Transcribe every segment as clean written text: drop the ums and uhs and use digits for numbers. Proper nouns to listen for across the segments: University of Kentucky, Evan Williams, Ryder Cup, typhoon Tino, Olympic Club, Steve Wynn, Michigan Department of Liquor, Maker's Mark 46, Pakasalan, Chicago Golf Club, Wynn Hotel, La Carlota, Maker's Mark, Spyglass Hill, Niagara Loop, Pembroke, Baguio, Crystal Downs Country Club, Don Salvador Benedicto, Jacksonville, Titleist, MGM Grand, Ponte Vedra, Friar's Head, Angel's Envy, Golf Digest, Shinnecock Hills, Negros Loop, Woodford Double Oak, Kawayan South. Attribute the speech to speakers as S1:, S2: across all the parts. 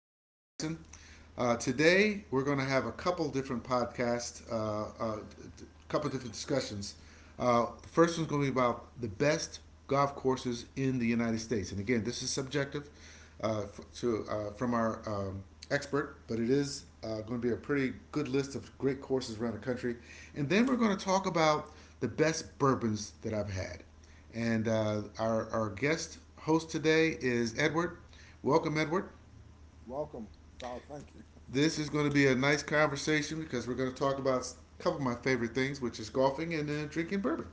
S1: This is Tyson. Today, we're going to have a couple different podcasts, a couple different discussions. The first one's going to be about the best golf courses in the United States. And again, this is subjective f- to from our expert, but it is going to be a pretty good list of great courses around the country. And then we're going to talk about the best bourbons that I've had. And our guest host today is Edward. Welcome, Edward.
S2: Welcome. Oh, thank you.
S1: This is going to be a nice conversation because we're going to talk about a couple of my favorite things, which is golfing and drinking bourbon.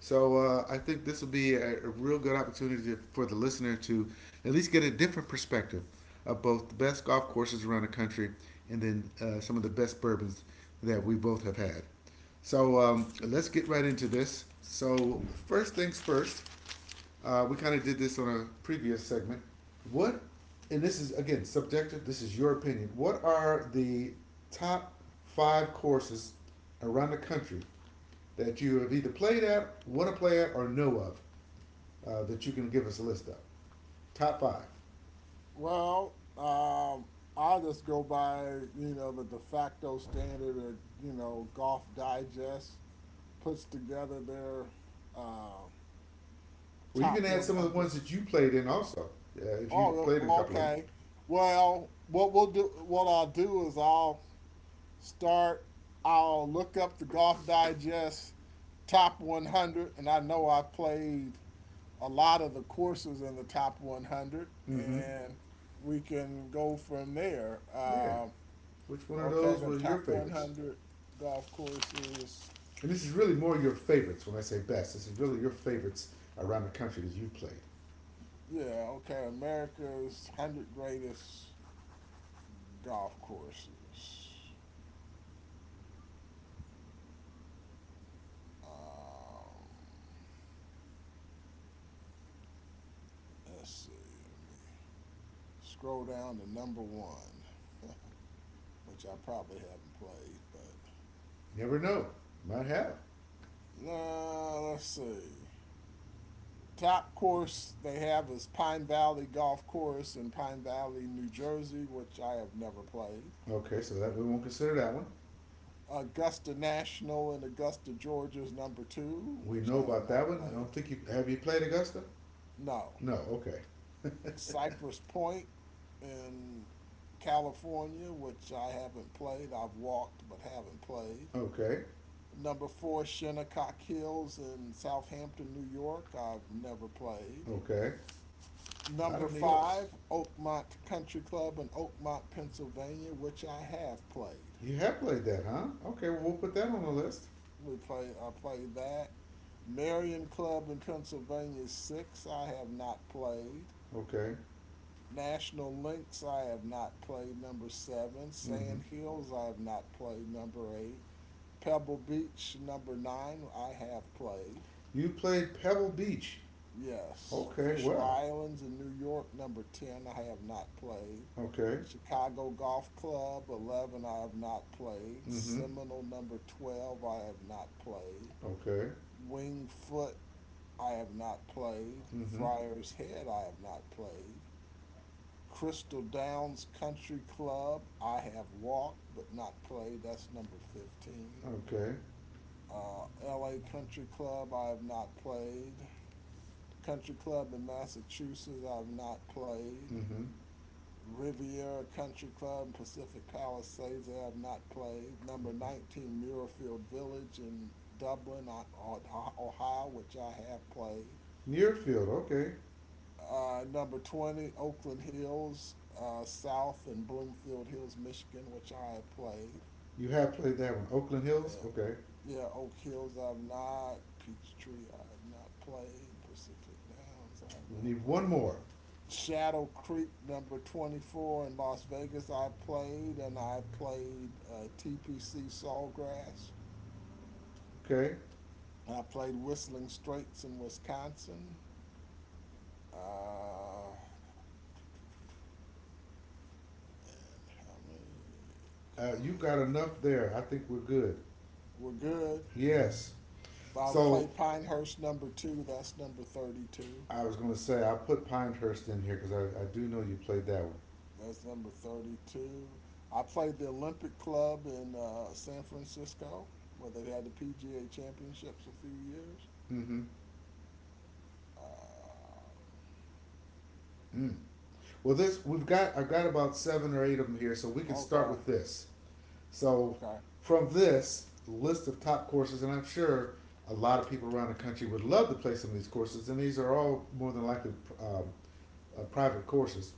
S1: So I think this will be a real good opportunity for the listener to at least get a different perspective of both the best golf courses around the country and then some of the best bourbons that we both have had. So let's get right into this. So first things first, we kind of did this on a previous segment. What, and this is again subjective. This is your opinion. What are the top five courses around the country that you have either played at, want to play at, or know of that you can give us a list of? Top five.
S2: Well, I just go by, you know, the de facto standard or, you know, Golf Digest puts together their uh,
S1: Well, you can
S2: top
S1: add some of the
S2: 100.
S1: ones that you played in also, if
S2: Oh,
S1: you
S2: no,
S1: played in a
S2: well,
S1: couple of them.
S2: okay. Well, what I'll do is I'll start, I'll look up the Golf Digest top 100, and I know I've played a lot of the courses in the top 100,
S1: Mm-hmm.
S2: and we can go from there.
S1: Yeah. Which one of
S2: Okay,
S1: those
S2: go to
S1: was your
S2: top
S1: favorites?
S2: 100 golf courses.
S1: And this is really more your favorites. When I say best, this is really your favorites around the country that you've played.
S2: Yeah, okay, America's 100 greatest golf courses. Um, let's see, let me scroll down to number one, which I probably haven't played, but
S1: You never know. You might have.
S2: let's see. Top course they have is Pine Valley Golf Course in Pine Valley, New Jersey, which I have never played.
S1: Okay, so that we won't consider that one.
S2: Augusta National in Augusta, Georgia is number two,
S1: We
S2: which
S1: know
S2: I have
S1: about
S2: not
S1: that one. I
S2: played.
S1: don't think you have, you played Augusta?
S2: No.
S1: No. Okay.
S2: Cypress Point in California, which I haven't played. I've walked but haven't played.
S1: Okay.
S2: Number four, Shinnecock Hills in Southampton, New York. I've never played.
S1: Okay. A lot
S2: Number
S1: of New York's.
S2: five, Oakmont Country Club in Oakmont, Pennsylvania, which I have played.
S1: You have played that, huh? Okay. Well, we'll put that on the list.
S2: I played that. Marion Club in Pennsylvania six, I have not played.
S1: Okay.
S2: National Links, I have not played. Number seven,
S1: Mm-hmm.
S2: Sand Hills, I have not played. Number eight, Pebble Beach, number nine, I have played.
S1: You played Pebble Beach.
S2: Yes,
S1: Okay.
S2: Fisher
S1: Well.
S2: Islands in New York, number 10, I have not played.
S1: Okay.
S2: Chicago Golf Club, 11, I have not played.
S1: Mm-hmm.
S2: Seminole, number 12, I have not played.
S1: Okay.
S2: Wingfoot, I have not played.
S1: Mm-hmm.
S2: Friar's Head, I have not played. Crystal Downs Country Club, I have walked but not played. That's number 15.
S1: Okay.
S2: LA Country Club, I have not played. Country Club in Massachusetts, I've not played.
S1: Mm-hmm.
S2: Riviera Country Club in Pacific Palisades, I have not played. Number
S1: Okay.
S2: 19 Muirfield Village in Dublin, Ohio, which I have played.
S1: Nearfield. Okay.
S2: Number 20 Oakland Hills South in Bloomfield Hills, Michigan, which I have played.
S1: You have played that one. Oakland Hills.
S2: Yeah,
S1: Okay.
S2: yeah, Oak Hills I have not. Peachtree I have not played. Pacific Downs I have
S1: We
S2: not
S1: need one
S2: played.
S1: more.
S2: Shadow Creek number 24 in Las Vegas I played, and I played TPC Sawgrass.
S1: Okay.
S2: I played Whistling Straits in Wisconsin. Uh, and how many?
S1: You
S2: Quiet.
S1: got enough there. I think we're good.
S2: We're good.
S1: Yes.
S2: But I
S1: So
S2: played Pinehurst number 2, that's number 32.
S1: I was going to say I put Pinehurst in here because I do know you played that one.
S2: That's number 32. I played the Olympic Club in San Francisco where they had the PGA Championships a few years.
S1: Mm-hmm.
S2: Uh,
S1: Mm. Well, this we've got. I've got about seven or eight of them here, so we can start
S2: Okay.
S1: with this. So,
S2: Okay.
S1: from this list of top courses, and I'm sure a lot of people around the country would love to play some of these courses, and these are all more than likely um, private courses.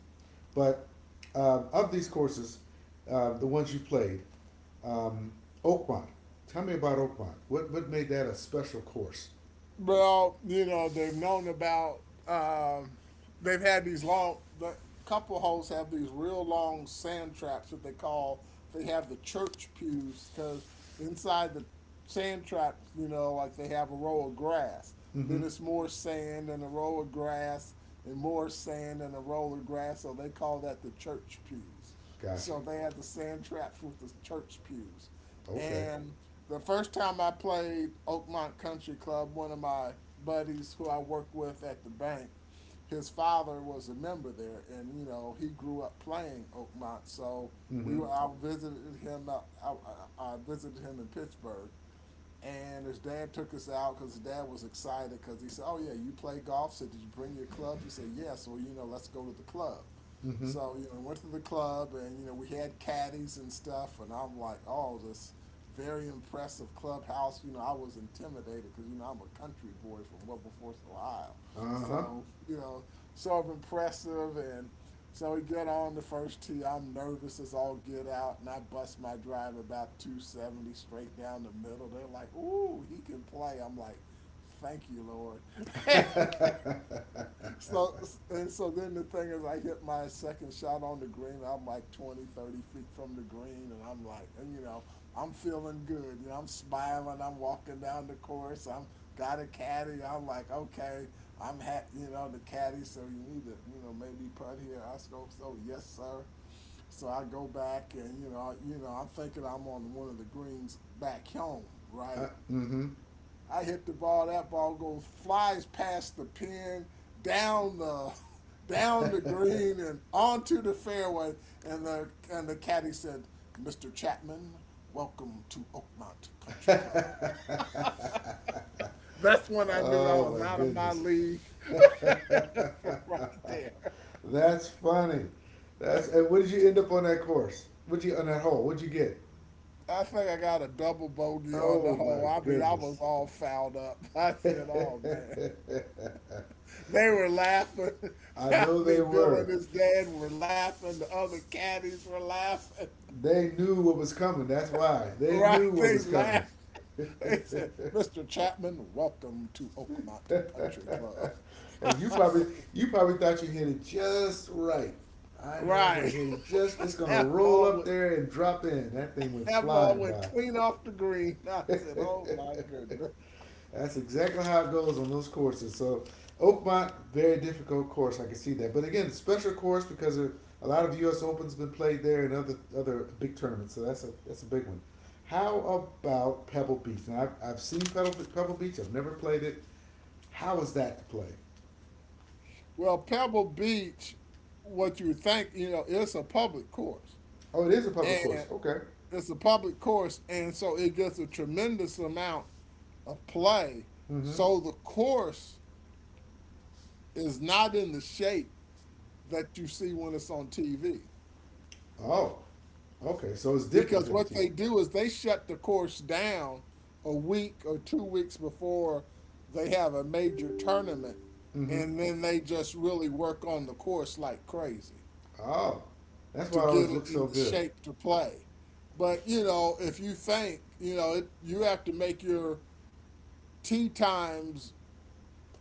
S1: But of these courses, the ones you played, um, Oakmont. Tell me about Oakmont. What made that a special course?
S2: Well, you know, um, they've had these long, the couple hosts have these real long sand traps that they call, they have the church pews, because inside the sand traps, you know, like they have a row of grass. Then
S1: Mm-hmm.
S2: it's more sand and a row of grass and more sand and a row of grass, so they call that the church pews.
S1: Gotcha.
S2: So they had the sand traps with the church pews.
S1: Okay.
S2: And the first time I played Oakmont Country Club, one of my buddies who I worked with at the bank, his father was a member there, and you know he grew up playing Oakmont. So
S1: Mm-hmm.
S2: I visited him. I visited him in Pittsburgh, and his dad took us out because his dad was excited because he said, "Oh yeah, you play golf." Said, "Did you bring your clubs?" We said, "Yes." So you know, let's go to the club.
S1: Mm-hmm.
S2: So you know, we went to the club and you know we had caddies and stuff, and I'm like, "Oh, this very impressive clubhouse." You know, I was intimidated because you know I'm a country boy from Wilberforce, Ohio,
S1: Uh-huh.
S2: so you know, sort of impressive and so we get on the first tee. I'm nervous as all get out, and I bust my drive about 270 straight down the middle. They're like, "Ooh, he can play." I'm like, "Thank you, Lord." So and so then the thing is I hit my second shot on the green. I'm like 20, 30 feet from the green and you know, I'm feeling good. You know, I'm smiling. I'm walking down the course. I'm got a caddy. I'm like, okay, you know, the caddy, so you need to, you know, maybe putt here. I go, so yes, sir. So I go back and you know, I'm thinking I'm on one of the greens back home, right?
S1: Mm-hmm.
S2: I hit the ball. That ball goes flies past the pin, down the down the green, and onto the fairway. And the caddy said, "Mr. Chapman, welcome to Oakmont Country Club." That's when I knew I was
S1: Oh my
S2: out of my
S1: goodness.
S2: league from right there.
S1: That's funny. That's, and what did you end up on that course? What you on that hole? What'd you get?
S2: I think I got a double bogey on the
S1: Oh
S2: hole.
S1: my
S2: I mean, I was
S1: goodness.
S2: all fouled up. I said, "Oh man," they were laughing.
S1: I
S2: I
S1: know they
S2: mean, Bill and
S1: were.
S2: his dad were laughing. The other caddies were laughing.
S1: They knew what was coming. That's why. They
S2: Right?
S1: knew what
S2: They
S1: was coming.
S2: laughed. They said, "Mr. Chapman, welcome to Oakmont
S1: And
S2: Country Club."
S1: you probably you probably thought you hit it just right. I know I'm gonna
S2: Right.
S1: hit it just. It's gonna
S2: that
S1: roll
S2: ball
S1: up
S2: went
S1: there and drop in. That thing went
S2: that ball
S1: flying
S2: went
S1: by.
S2: clean off the green. I said, Oh my goodness.
S1: That's exactly how it goes on those courses. So Oakmont, very difficult course. I can see that. But again, special course because a lot of U.S. Opens been played there and other big tournaments. So that's a big one. How about Pebble Beach? Now I've seen Pebble Beach. I've never played it. How is that to play?
S2: Well, Pebble Beach, what you think, you know, it's a public course.
S1: Oh, it is a public course.
S2: And
S1: Okay.
S2: it's a public course and so it gets a tremendous amount of play.
S1: Mm-hmm.
S2: So the course is not in the shape that you see when it's on TV.
S1: Oh, okay. So it's different
S2: Because
S1: than
S2: what
S1: TV.
S2: they do is they shut the course down a week or 2 weeks before they have a major tournament,
S1: Mm-hmm.
S2: and then they just really work on the course like crazy
S1: Oh, that's why
S2: to
S1: it
S2: get
S1: always
S2: it
S1: looks so
S2: into
S1: good.
S2: shape to play. But you know, if you think you know, it, you have to make your tee times.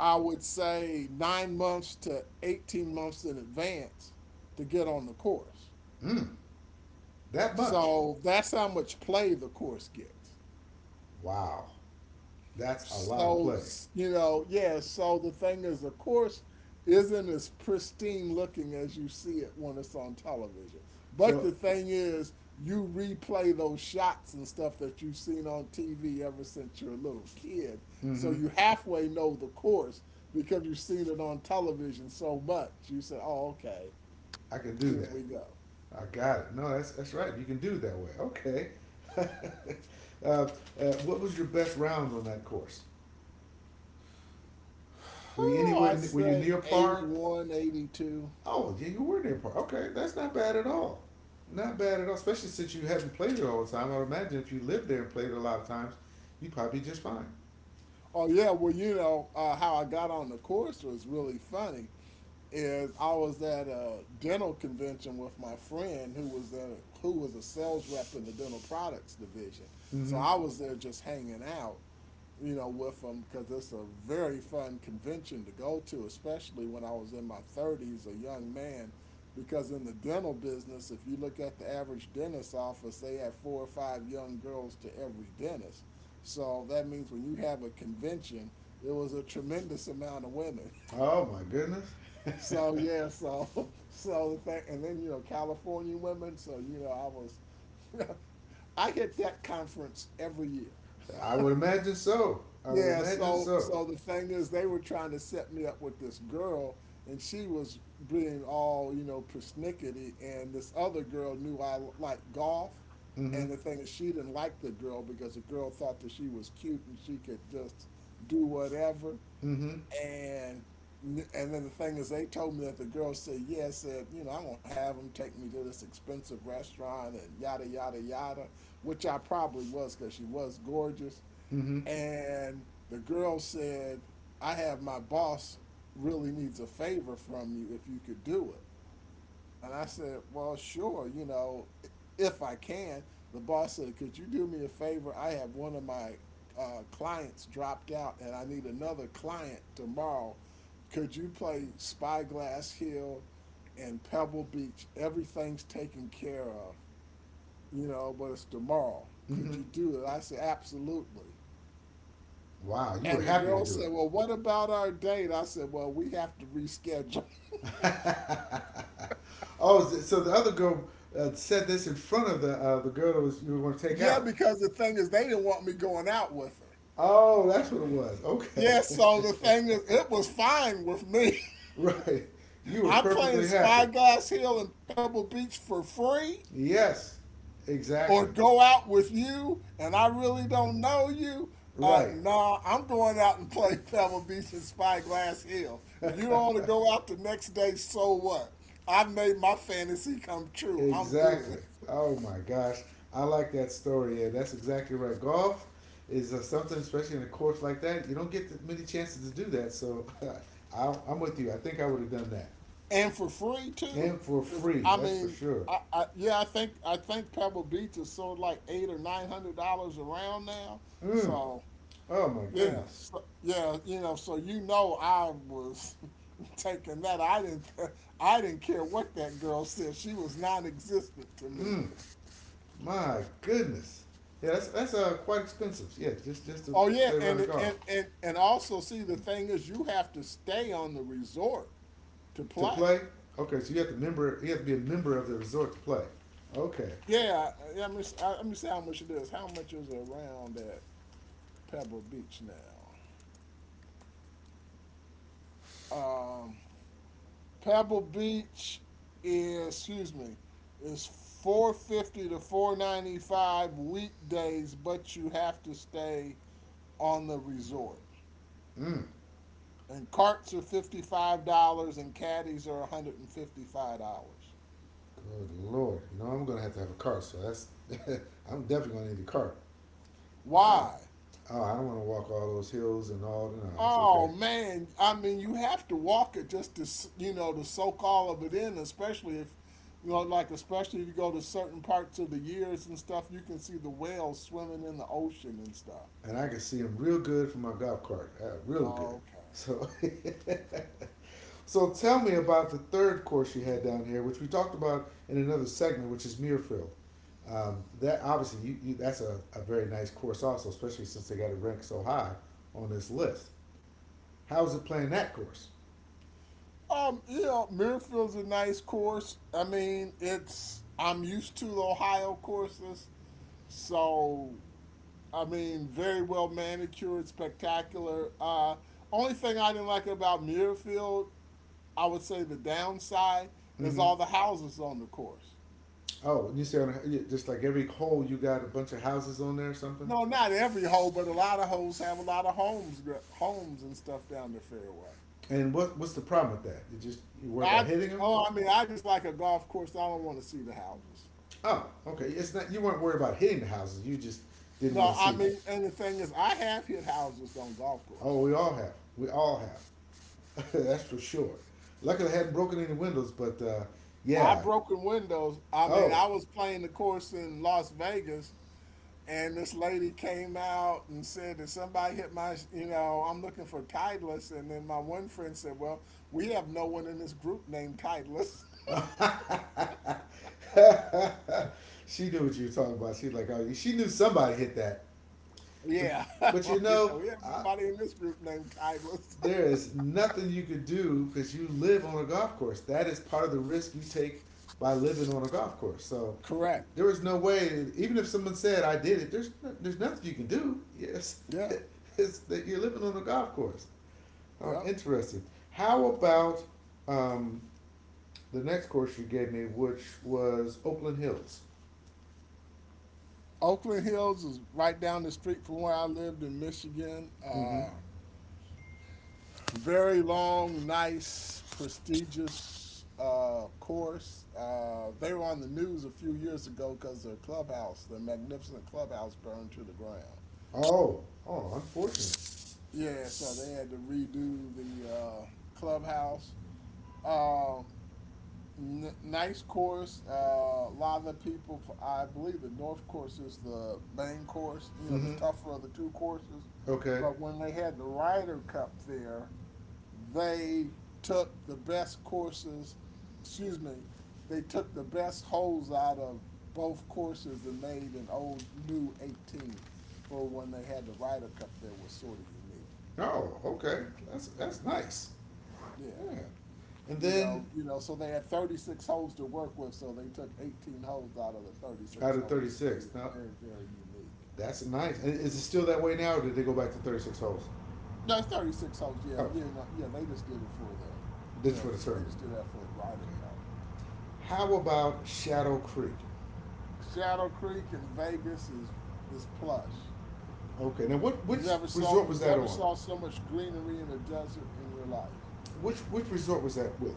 S2: I would say 9 months to 18 months in advance to get on the course.
S1: Mm, that much.
S2: So that's how much play the course gets.
S1: Wow, that's a lot of play.
S2: You know, yeah, so the thing is, of course, isn't as pristine looking as you see it when it's on television. But
S1: So,
S2: the thing is, you replay those shots and stuff that you've seen on TV ever since you're a little kid. So
S1: mm-hmm,
S2: you halfway know the course because you've seen it on television so much. You say, oh, okay,
S1: I can do
S2: here
S1: that.
S2: we go.
S1: I got it. No, that's right. You can do it that way. Okay. uh, what was your best round on that course? Were you
S2: Oh, I
S1: anywhere? Were you
S2: say
S1: near par?
S2: 81, 82.
S1: Oh, yeah, you were near par. Okay, that's not bad at all. Not bad at all, especially since you haven't played it all the time. I would imagine if you lived there and played it a lot of times, you'd probably be just fine.
S2: Oh, yeah, well, you know, how I got on the course was really funny. Is I was at a dental convention with my friend who was a sales rep in the dental products division. So
S1: Mm-hmm.
S2: I was there just hanging out, you know, with them because it's a very fun convention to go to, especially when I was in my 30's, a young man. Because in the dental business, if you look at the average dentist office, they have four or five young girls to every dentist. So that means when you have a convention, it was a tremendous amount of women.
S1: Oh my goodness.
S2: So yeah, so and then you know California women. So I hit that conference every year.
S1: I would imagine so. I would
S2: Yeah,
S1: imagine
S2: so
S1: so.
S2: so the thing is, they were trying to set me up with this girl, and she was being all you know persnickety, and this other girl knew I liked golf,
S1: Mm-hmm.
S2: and the thing is, she didn't like the girl because the girl thought that she was cute and she could just do whatever,
S1: Mm-hmm.
S2: and and then the thing is, they told me that the girl said, "Yeah," said, "You know, I'm gonna have him take me to this expensive restaurant and yada yada yada," which I probably was because she was gorgeous.
S1: Mm-hmm.
S2: And the girl said, "I have my boss really needs a favor from you if you could do it." And I said, well, sure, you know, if I can. The boss said, could you do me a favor? I have one of my clients dropped out and I need another client tomorrow. Could you play Spyglass Hill and Pebble Beach? Everything's taken care of, you know, but it's tomorrow. Could
S1: Mm-hmm.
S2: you do it? I said, absolutely.
S1: Wow, you were
S2: And the
S1: happy to
S2: girl
S1: do it.
S2: said, Well, what about our date? I said, Well, we have to reschedule.
S1: Oh, so the other girl said this in front of the girl that was you were going to take
S2: Yeah,
S1: out.
S2: because the thing is, they didn't want me going out with her.
S1: Oh, that's what it was. Okay.
S2: Yeah, so the thing is, it was fine with me.
S1: Right. You were
S2: I'm playing
S1: perfectly happy.
S2: Spyglass Hill and Pebble Beach for free,
S1: Yes.
S2: or
S1: Exactly.
S2: go out with you, and I really don't know you.
S1: Right.
S2: Nah, I'm going out and play Pebble Beach and Spyglass Hill. If you don't want to go out the next day, so what? I've made my fantasy come true. I'm good,
S1: Exactly. Oh my gosh. I like that story. Yeah, that's exactly right. Golf is something, especially in a course like that, you don't get that many chances to do that. So I'm with you. I think I would have done that.
S2: and for free too,
S1: And for
S2: because
S1: free,
S2: I
S1: that's for
S2: mean,
S1: sure.
S2: I yeah, I think Pebble Beach is sort of like eight or nine hundred dollars around now,
S1: Mm.
S2: so.
S1: Oh my
S2: Yeah,
S1: goodness.
S2: so, yeah, you know, so you know I was taking that. I didn't I didn't care what that girl said. She was non-existent to me.
S1: Mm. My goodness. Yeah, that's quite expensive. Yeah, just to
S2: Oh yeah,
S1: play around the
S2: and
S1: golf.
S2: and and and also, see, the thing is you have to stay on the resort to
S1: To
S2: play.
S1: play? Okay, so you have to member. You have to be a member of the resort to play. Okay.
S2: Yeah, yeah, let me see how much it is. How much is around at Pebble Beach now? Um, Pebble Beach is excuse me is 450 to 495 weekdays, but you have to stay on the resort.
S1: Mm,
S2: And carts are $55 and caddies are $155.
S1: good lord. You know I'm gonna have to have a cart. So that's. I'm definitely gonna need a cart. Ah.
S2: Why?
S1: Oh, I don't want to walk all those hills and all. No, that's okay.
S2: Oh man, I mean you have to walk it just to you know to soak all of it in, especially if you know like especially if you go to certain parts of the years and stuff, you can see the whales swimming in the ocean and stuff.
S1: And I can see them real good from my golf cart. Really good.
S2: Okay.
S1: So. So tell me about the third course you had down here, which we talked about in another segment, which is Muirfield. That obviously you that's a very nice course also, especially since they got it ranked so high on this list. How is it playing that course?
S2: Mirafield's a nice course. I mean, it's I'm used to the Ohio courses, so I mean, very well manicured, spectacular. Only thing I didn't like about Mirfield, I would say, the downside is
S1: Mm-hmm.
S2: all the houses on the course.
S1: Oh, and you say on just like every hole you got a bunch of houses on there or something.
S2: No, not every hole, but a lot of holes have a lot of homes and stuff down the fairway.
S1: And what's the problem with that? You just you worry about
S2: I
S1: hitting them.
S2: oh, I mean, I just like a golf course. I don't want to see the houses.
S1: Oh, okay. It's not you weren't worried about hitting the houses. You just didn't want
S2: No,
S1: to see
S2: I
S1: them.
S2: mean, and the thing is, I have hit houses on golf
S1: Oh,
S2: courses.
S1: we all have. We all have. That's for sure. Luckily, I hadn't broken any windows, but
S2: I
S1: yeah.
S2: broken windows. I mean,
S1: Oh,
S2: I was playing the course in Las Vegas, and this lady came out and said that somebody hit my, I'm looking for Titleist. And then my one friend said, "Well, we have no one in this group named Titleist."
S1: she knew what you were talking about. She's like, oh, she knew somebody hit that. But
S2: Yeah.
S1: you
S2: He said,
S1: know,
S2: "We have
S1: I,
S2: nobody in this group named Titleist."
S1: there is nothing you could do because you live on a golf course. That is part of the risk you take by living on a golf course. So
S2: Correct.
S1: there was no way, even if someone said I did it, there's nothing you can do. Yes,
S2: Yeah.
S1: it's that you're living on a golf course.
S2: Yep.
S1: Interesting. How about um, the next course you gave me, which was Oakland Hills?
S2: Oakland Hills is right down the street from where I lived in Michigan.
S1: Mm-hmm.
S2: Very long, nice, prestigious, course. They were on the news a few years ago because their clubhouse, their magnificent clubhouse, burned to the ground.
S1: Oh, oh, unfortunate.
S2: Yeah, so they had to redo the clubhouse. Uh, Nice course. A lot of the people, I believe the North course is the main course, you know, the
S1: Mm-hmm.
S2: tougher of the two courses.
S1: Okay.
S2: But when they had the Ryder Cup there, they took the best courses, excuse me, they took the best holes out of both courses and made an old new 18 for when they had the Ryder Cup. There was sort of unique.
S1: Oh, okay. That's nice.
S2: Yeah.
S1: Yeah. And
S2: You
S1: then
S2: know, you know, so they had 36 holes to work with, so they took 18 holes out of the
S1: out
S2: 36
S1: of
S2: holes
S1: thirty
S2: that made
S1: six,
S2: it
S1: now
S2: very, very unique.
S1: that's nice. And is it still that way now, or did they go back to 36 holes?
S2: No, it's 36 holes. Yeah,
S1: Okay.
S2: yeah, no, yeah. They just did it for the, you
S1: This is for
S2: know,
S1: the
S2: they
S1: tournament.
S2: just did that for the Ryder Cup.
S1: Okay. How about Shadow Creek?
S2: Shadow Creek in Vegas is plush.
S1: Okay. Now, what
S2: You
S1: which
S2: never saw
S1: resort
S2: you
S1: was that
S2: never
S1: on?
S2: saw so much greenery in the desert in your life.
S1: Which resort was that with?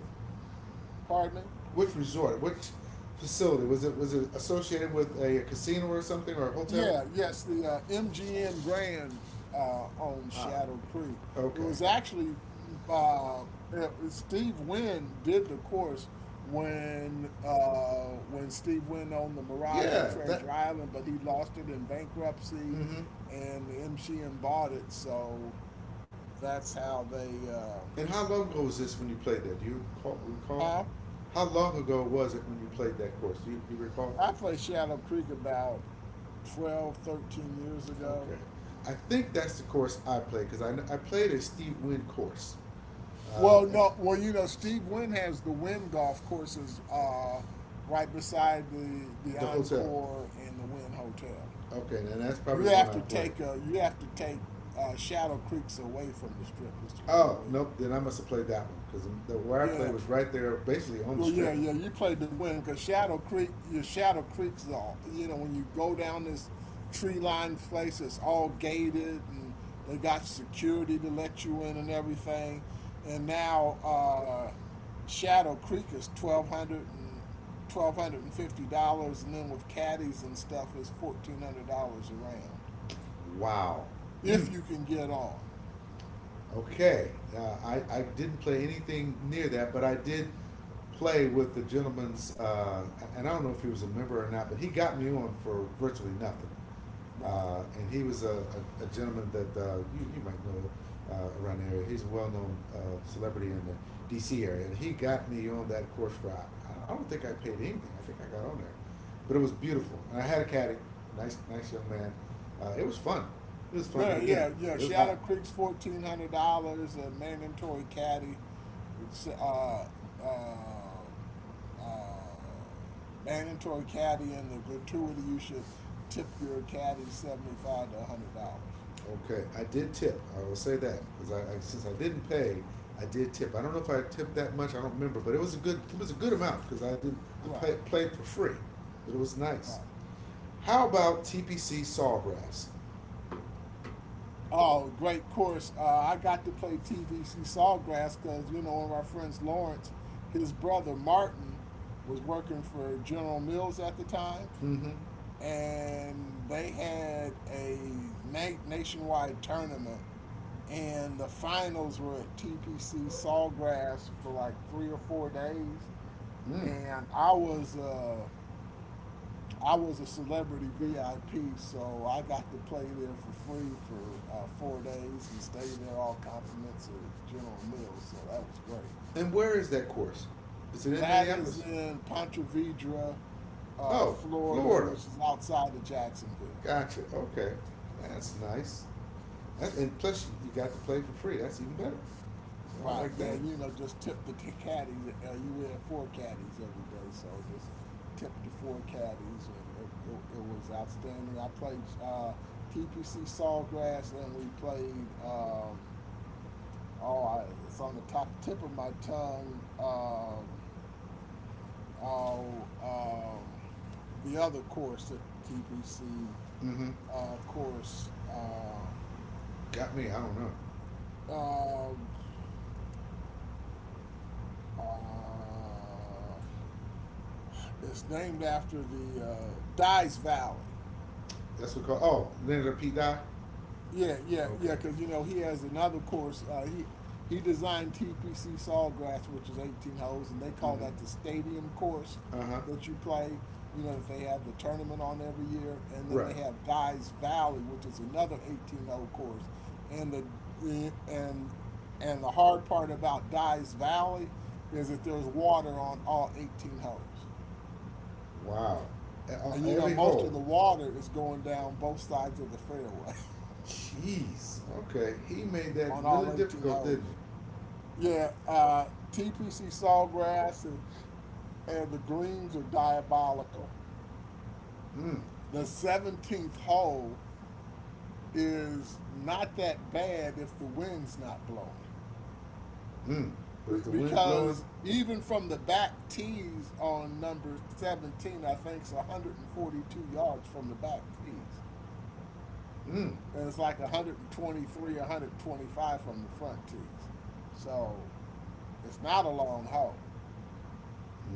S2: Pardon me?
S1: Which resort? Which facility was it? Was it associated with a casino or something or a hotel?
S2: Yeah, yes, the MGM Grand, on
S1: Ah,
S2: Shadow Creek. It
S1: okay.
S2: was actually, uh, Steve Wynn did the course when Steve Wynn owned the Mirage in
S1: Yeah, that.
S2: Treasure Island, but he lost it in bankruptcy,
S1: Mm-hmm.
S2: and the MGM bought it. So that's how they.
S1: And how long ago was this when you played that? Do you recall? Recall?
S2: Huh?
S1: How long ago was it when you played that course? Do you recall?
S2: I played Shadow Creek about 12, 13 years ago.
S1: Okay. I think that's the course I played because I played a Steve Wynn course,
S2: Well,
S1: at
S2: no, well, you know, Steve Wynn has the Wynn golf courses, right beside the
S1: the hotel.
S2: Encore and the Wynn Hotel.
S1: Okay, and that's
S2: You
S1: probably the one
S2: have
S1: I
S2: to
S1: played.
S2: take a, you have to take Shadow Creek's away from the strip. It's away
S1: Oh
S2: away from
S1: nope,
S2: the
S1: then I
S2: strip.
S1: must have played that one because the where I played
S2: Yeah,
S1: was right there, basically on the
S2: well, yeah,
S1: strip.
S2: yeah, you played to win because Shadow Creek, your Shadow Creek's all, you know, when you go down this tree lined place, it's all gated, and they got security to let you in and everything. And now, Shadow Creek is twelve hundred and fifty dollars, and then with caddies and stuff, it's $1,400 a round
S1: Wow. Mm,
S2: if you can get on.
S1: okay, I didn't play anything near that, but I did play with the gentleman's, and I don't know if he was a member or not, but he got me on for virtually nothing.
S2: Right.
S1: And he was a gentleman that you might know around the area. He's a well known celebrity in the DC area. And he got me on that course for I don't think I paid anything. I think I got on there. But it was beautiful. And I had a caddy, nice young man. It was fun. It was fun.
S2: Yeah,
S1: But again,
S2: yeah, yeah.
S1: it was
S2: Shadow
S1: hot.
S2: Creek's $1,400. A mandatory caddy. It's uh uh mandatory caddy and the gratuity. You should tip your caddy $75 to $100.
S1: Okay, I did tip. I will say that because I
S2: Yeah.
S1: since I didn't pay, I did tip. I don't know if I tipped that much. I don't remember, but it was a good it was a good amount because I didn't I
S2: Right.
S1: pay, played for free. But it was nice.
S2: Right.
S1: How
S2: Right.
S1: about TPC Sawgrass?
S2: Oh, great course. I got to play TVC Sawgrass because, you know, one of our friends, Lawrence, his brother Martin, was working for General Mills at the time.
S1: Mm-hmm.
S2: And they had a nationwide tournament, and the finals were at TPC Sawgrass for like 3 or 4 days,
S1: Mm.
S2: and I was a celebrity VIP, so I got to play there for free for 4 days and stay there all compliments at General Mills, so that was great.
S1: And where is that course? Is it in
S2: That is
S1: Minneapolis?
S2: in Ponte Vedra,
S1: Oh,
S2: Florida,
S1: Florida.
S2: which is outside of Jacksonville.
S1: Gotcha. Okay, that's nice. That's, and plus, you got to play for free. That's even better. So I
S2: Right.
S1: like
S2: Yeah.
S1: that.
S2: You know, just tip the caddies. You wear four caddies every day, so just tip the four caddies, and it was outstanding. I played, TPC Sawgrass, and we played. It's on the top tip of my tongue. Oh, um, the other course, the TPC
S1: Mm-hmm.
S2: course.
S1: Got me. I don't know.
S2: Um uh, It's named after the Dyes Valley.
S1: That's what called. Oh, Leonard Pete die.
S2: Yeah, yeah, yeah.
S1: Okay.
S2: Because you know he has another course. He designed TPC Sawgrass, which is 18 holes, and they call
S1: Mm-hmm.
S2: that the stadium course
S1: Uh huh.
S2: that you play. You know that they have the tournament on every year, and then they
S1: Right.
S2: have Dyes Valley, which is another 18 hole course. And the the- and and the hard part about Dyes Valley is that there's water on all 18 holes.
S1: Wow.
S2: And you know,
S1: Every
S2: most of
S1: hole.
S2: the water is going down both sides of the fairway
S1: Jeez. Okay. He made that
S2: on
S1: really
S2: all 18
S1: difficult,
S2: holes.
S1: didn't he?
S2: Yeah, TPC Sawgrass and the greens are diabolical.
S1: Mm,
S2: The 17th hole is not that bad if the wind's not blowing.
S1: mm. But if the wind's blowing,
S2: Because even from the back tees on number 17, I think it's 142 yards from the back tees.
S1: mm,
S2: And it's like 123, 125 from the front tees. So it's not a long hole.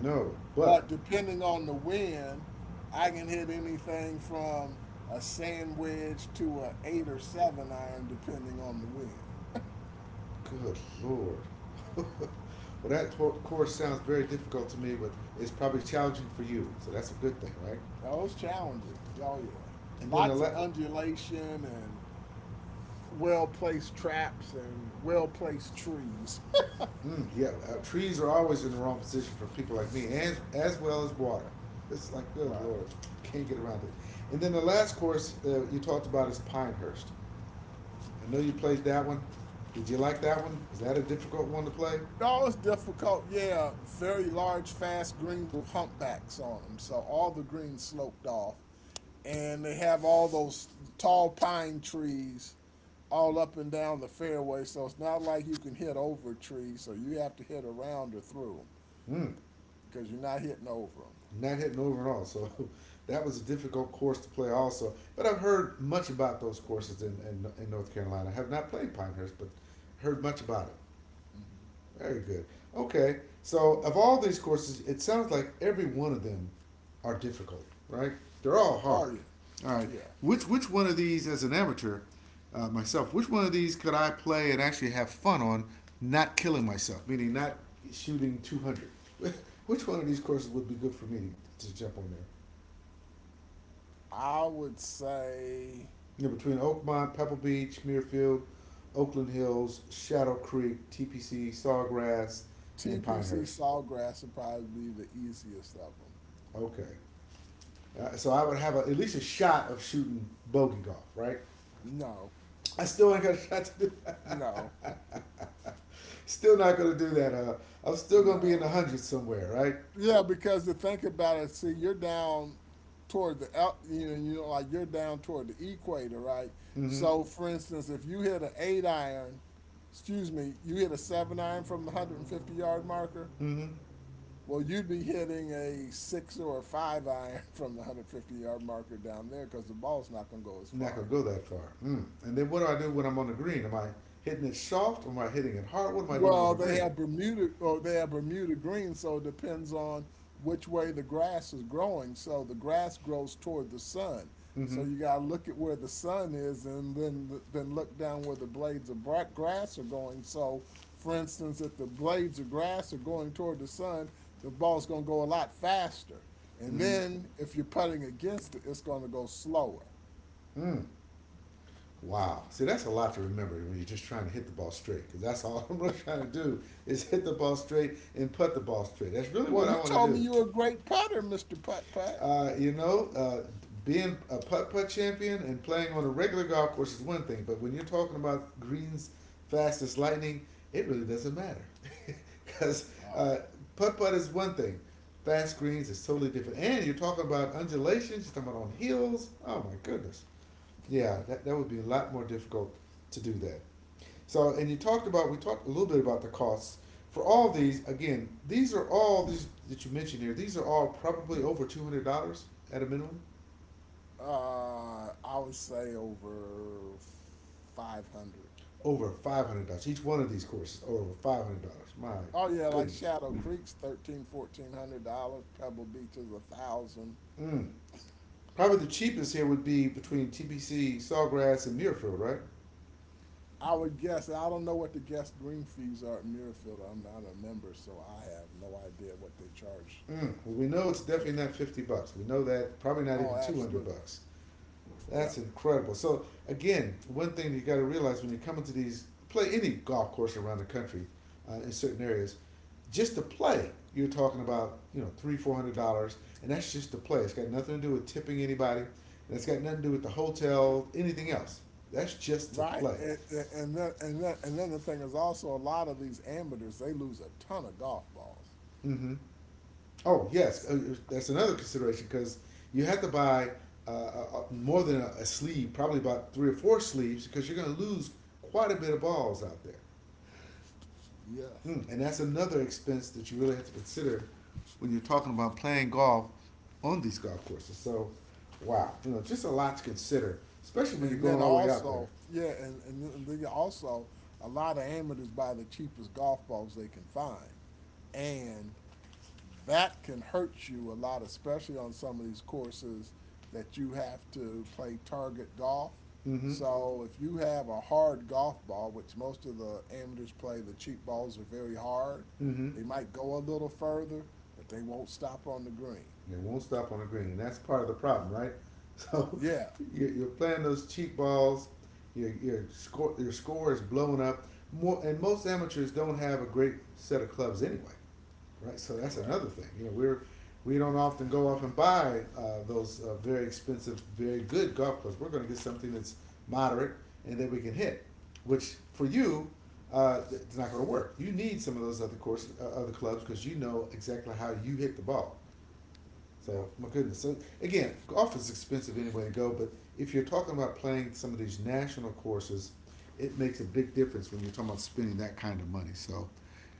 S1: no. But,
S2: But depending on the wind, I can hit anything from a sand wedge to an eight or seven iron, depending on the wind.
S1: good lord. Well, that course sounds very difficult to me, but it's probably challenging for you. So that's a good thing, right?
S2: Oh, it's challenging. Oh yeah,
S1: And then the
S2: lots of
S1: le-
S2: undulation and well placed traps and well placed trees.
S1: Mm, yeah, trees are always in the wrong position for people like me, as well as water. It's like, good
S2: Right.
S1: lord, can't get around it. And then the last course you talked about is Pinehurst. I know you played that one. Did you like that one? Was that a difficult one to play?
S2: No, it's difficult. Yeah, very large, fast greens with humpbacks on them. So all the greens sloped off. And they have all those tall pine trees all up and down the fairway. So it's not like you can hit over trees. So you have to hit around or through them
S1: Mm.
S2: because you're not hitting over them.
S1: Not hitting over at all. So that was a difficult course to play also. But I've heard much about those courses in North Carolina. I have not played Pinehurst, but heard much about it. Very good. Okay, so of all these courses, it sounds like every one of them are difficult, right? They're all
S2: Oh,
S1: hard.
S2: yes.
S1: All right,
S2: Yeah.
S1: which one of these, as an amateur myself, which one of these could I play and actually have fun on, not killing myself, meaning not shooting 200? Which one of these courses would be good for me to jump on there?
S2: I would say
S1: You know, between Oakmont, Pebble Beach, Muirfield, Oakland Hills, Shadow Creek, TPC, Sawgrass, and
S2: TPC
S1: Pinehurst.
S2: Sawgrass would probably be the easiest of them.
S1: Okay. So I would have a, at least a shot of shooting bogey golf, right?
S2: No,
S1: I still ain't got a shot to do.
S2: no,
S1: Still not going to do that. I'm still going to be in
S2: no.
S1: the hundreds somewhere, right?
S2: Yeah, because to think about it, see, you're down toward the el- you know, like you're down toward the equator, right?
S1: Mm-hmm.
S2: So, for instance, if you hit an eight iron, excuse me, you hit a seven iron from the 150 yard marker,
S1: Mm-hmm.
S2: well, you'd be hitting a six or a five iron from the 150 yard marker down there because the ball's not going to go as
S1: Not going
S2: far.
S1: to go that far. Mm. And then what do I do when I'm on the green? Am I hitting it soft? Or am I hitting it hard? What am I doing on
S2: Well,
S1: the
S2: they
S1: green?
S2: have Bermuda or they have Bermuda green, so it depends on which way the grass is growing. So the grass grows toward the sun. So
S1: Mm-hmm.
S2: you gotta look at where the sun is, and then look down where the blades of grass are going. So, for instance, if the blades of grass are going toward the sun, the ball's gonna go a lot faster. And
S1: Mm-hmm.
S2: then if you're putting against it, it's gonna go slower.
S1: Mm. Wow. See, that's a lot to remember when you're just trying to hit the ball straight because that's all I'm really trying to do is hit the ball straight and put the ball straight. That's really
S2: Well,
S1: what I
S2: you
S1: want to
S2: told me
S1: do.
S2: you were a great putter, Mister Putt Putt.
S1: uh, you know, uh, Being a putt putt champion and playing on a regular golf course is one thing, but when you're talking about greens fast as lightning, it really doesn't matter because
S2: Oh, okay.
S1: putt putt is one thing. Fast greens is totally different, and you're talking about undulations. You're talking about on hills. Oh my goodness! Yeah, that would be a lot more difficult to do that. So, and you talked about, we talked a little bit about the costs. For all these, again, these are all these that you mentioned here, these are all probably over $200 at a minimum,
S2: I would say over 500.
S1: over $500. Each one of these courses over $500. My
S2: Oh yeah, like
S1: goodness.
S2: Shadow Creek's 13, $1,400. Pebble Beach is a thousand.
S1: Mm. Probably the cheapest here would be between TBC, Sawgrass, and Muirfield, right?
S2: I would guess. I don't know what the guest green fees are at Muirfield. I'm not a member, so I have no idea what they charge.
S1: Mm. Well, we know it's
S2: Take
S1: definitely
S2: it.
S1: not 50 bucks. We know that probably not
S2: Oh,
S1: even 200
S2: absolutely.
S1: bucks. That's
S2: Yep.
S1: incredible. So again, one thing that you got to realize when you're coming to these play any golf course around the country, in certain areas, just to play, you're talking about, you know, three four hundred dollars, and that's just to play. It's got nothing to do with tipping anybody. And it's got nothing to do with the hotel, anything else. That's just to
S2: Right.
S1: play.
S2: And then the thing is also, a lot of these amateurs they lose a ton of golf balls.
S1: Mm-hmm. Oh yes, that's another consideration because you have to buy more than a sleeve, probably about three or four sleeves, because you're going to lose quite a bit of balls out there.
S2: Yes.
S1: Mm, and that's another expense that you really have to consider when you're talking about playing golf on these golf courses. So, wow, you know, just a lot to consider, especially when you're
S2: And
S1: going
S2: then
S1: all the way out there.
S2: also, yeah, and then also a lot of amateurs buy the cheapest golf balls they can find. And that can hurt you a lot, especially on some of these courses that you have to play target golf.
S1: Mm-hmm.
S2: So if you have a hard golf ball, which most of the amateurs play, the cheap balls are very hard.
S1: Mm-hmm. And
S2: They might go a little further, but they won't stop on the green.
S1: it won't stop on the green, and that's part of the problem, right? So,
S2: Yeah.
S1: you're playing those cheap balls. Your score is blown up. More and most amateurs don't have a great set of clubs anyway, right? So that's
S2: Correct.
S1: another thing. You know, we don't often go off and buy those very expensive, very good golf clubs. We're going to get something that's moderate and that we can hit, which for you, it's not going to work. You need some of those other course, other clubs because you know exactly how you hit the ball.
S2: Yeah.
S1: So my goodness. So again, golf is expensive anyway to go, but if you're talking about playing some of these national courses, it makes a big difference when you're talking about spending that kind of money. So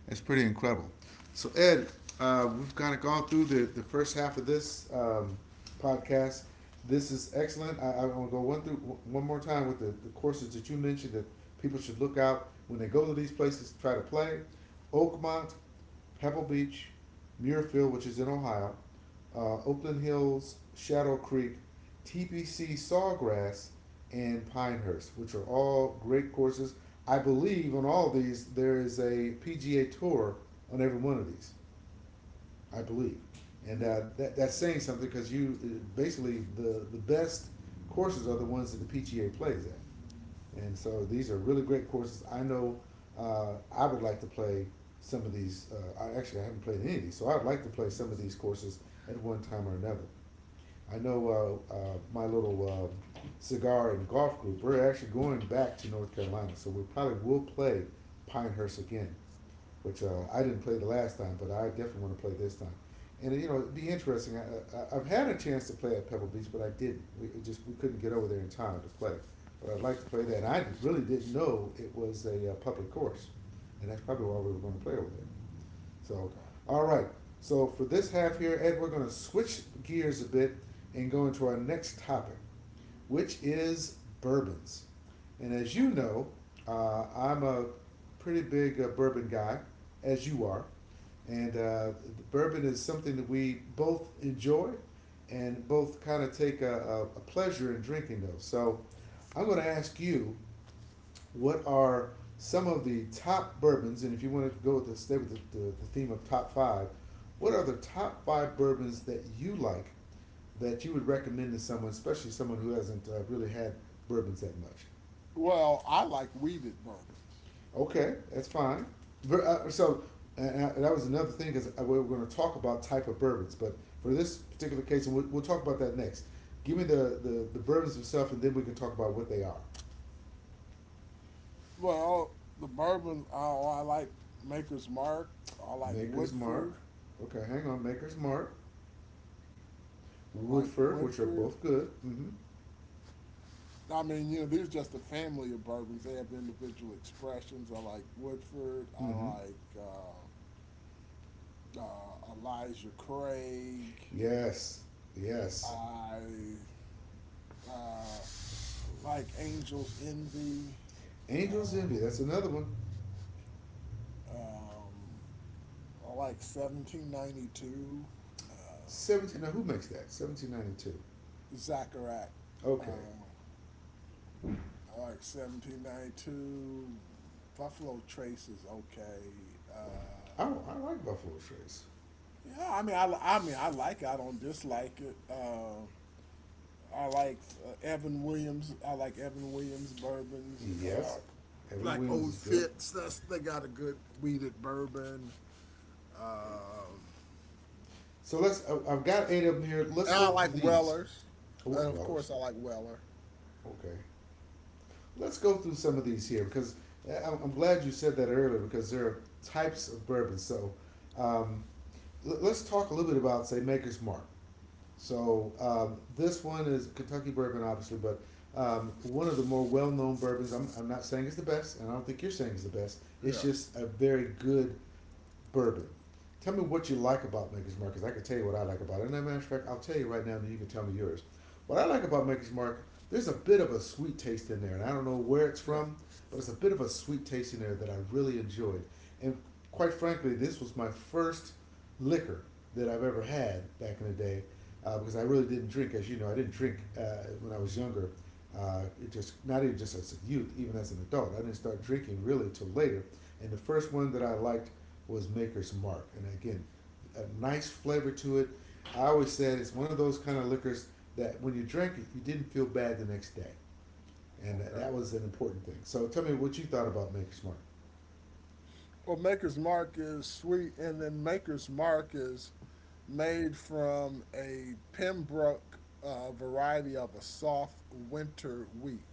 S1: it's pretty incredible. So Ed, we've kind of gone through the first half of this podcast. This is excellent. I want to go one through one more time with the courses that you mentioned that people should look out when they go to these places to try to play. Oakmont, Pebble Beach, Muirfield, which is in Ohio, Oakland Hills, Shadow Creek, TPC Sawgrass, and Pinehurst, which are all great courses. I believe on all these there is a PGA tour on every one of these. I believe, and
S2: Yeah.
S1: that that's saying something because you basically the best courses are the ones that the PGA plays at, and so these are really great courses. I know I would like to play some of these. I haven't played any of these, so I would like to play some of these courses at one time or another. I know my little cigar and golf group. We're actually going back to North Carolina, so we probably will play Pinehurst again, which I
S2: Okay.
S1: didn't play the last time, but I definitely want to play this time. And you know, it'd be interesting. I've had a chance to play at Pebble Beach, but I didn't. We it just we couldn't get over there in time to play. But I'd like to play that. And I really didn't know it was a public course, and that's probably why we were going to play over there. So,
S2: Okay.
S1: all right. So for this half here, Ed, we're going to switch gears a bit and go into our next topic, which is bourbons. And as you
S2: Okay.
S1: know, I'm a pretty big bourbon guy, as you are. And bourbon is something that we both enjoy and both kind of take a, a pleasure in drinking, though. So I'm going to ask you, what are some of the top bourbons? And if you want to go with the stay with the, the theme of top 5, what are the top 5 bourbons that you like that you would recommend to someone, especially someone who hasn't really had bourbons that much?
S2: Well, I like weeded bourbons.
S1: Okay, that's fine. So and I- and that was another thing because we were going to talk about type of bourbons, but for this particular case, and we'll talk about that next. Give me the, the bourbons themselves, and then we can talk about what they are.
S2: Well, I like Maker's Mark. I like
S1: Maker's Mark.
S2: Woodford.
S1: Okay, hang on. Maker's Mark.
S2: I like
S1: Woodford, which are
S2: Woodford.
S1: both good. Mm-hmm.
S2: I mean, you know, there's just a family of bourbons. They have individual expressions. I like Woodford. I
S1: Mm-hmm.
S2: like Elijah Craig.
S1: Yes. Yes.
S2: I uh, like Angel's Envy.
S1: Angel's Envy. That's another one.
S2: I like 1792.
S1: 17. Now who makes that? 1792.
S2: Zacharac.
S1: Okay.
S2: Like 1792. Buffalo Trace is okay. Um,
S1: Oh, I like Buffalo Trace.
S2: yeah, I mean, I like it. I don't dislike it. I like Evan Williams. I like Evan Williams bourbons.
S1: Yes. Evan
S2: Like
S1: Williams
S2: Old
S1: is good.
S2: Fitz. That's they got a good weeded bourbon.
S1: So let's. Have got 8 of them here. Let's
S2: And I
S1: go
S2: like
S1: through these.
S2: Weller's.
S1: Oh,
S2: And of
S1: well,
S2: course, I like Weller.
S1: okay. Let's go through some of these here because am glad you said that earlier because there are types of bourbon. So um, let's talk a little bit about say Maker's Mark. So this one is Kentucky bourbon, obviously, but one of the more well-known bourbons. I'm not saying it's the best, and I don't think you're saying it's the best. It's
S2: Yeah.
S1: just a very good bourbon. Tell me what you like about Maker's Mark, because I can tell you what I like about it. And as a matter of fact, I'll tell you right now, and you can tell me yours. What I like about Maker's Mark, there's a bit of a sweet taste in there, and I don't know where it's
S2: Yeah.
S1: from, but it's a bit of a sweet taste in there that I really enjoyed. And quite frankly, this was my first liquor that I've ever had back in the day, because I really didn't drink, as you know, I didn't drink when I was younger. It just not even just as a youth, even as an adult, I didn't start drinking really till later. And the first one that I liked was Maker's Mark, and again, a nice flavor to it. I always said it's one of those kind of liquors that when you drank it, you didn't feel bad the next day, and that,
S2: Okay.
S1: that was an important thing. So tell me what you thought about Maker's Mark.
S2: Well, Maker's Mark is sweet, and then Maker's Mark is made from a Pembroke variety of a soft winter wheat,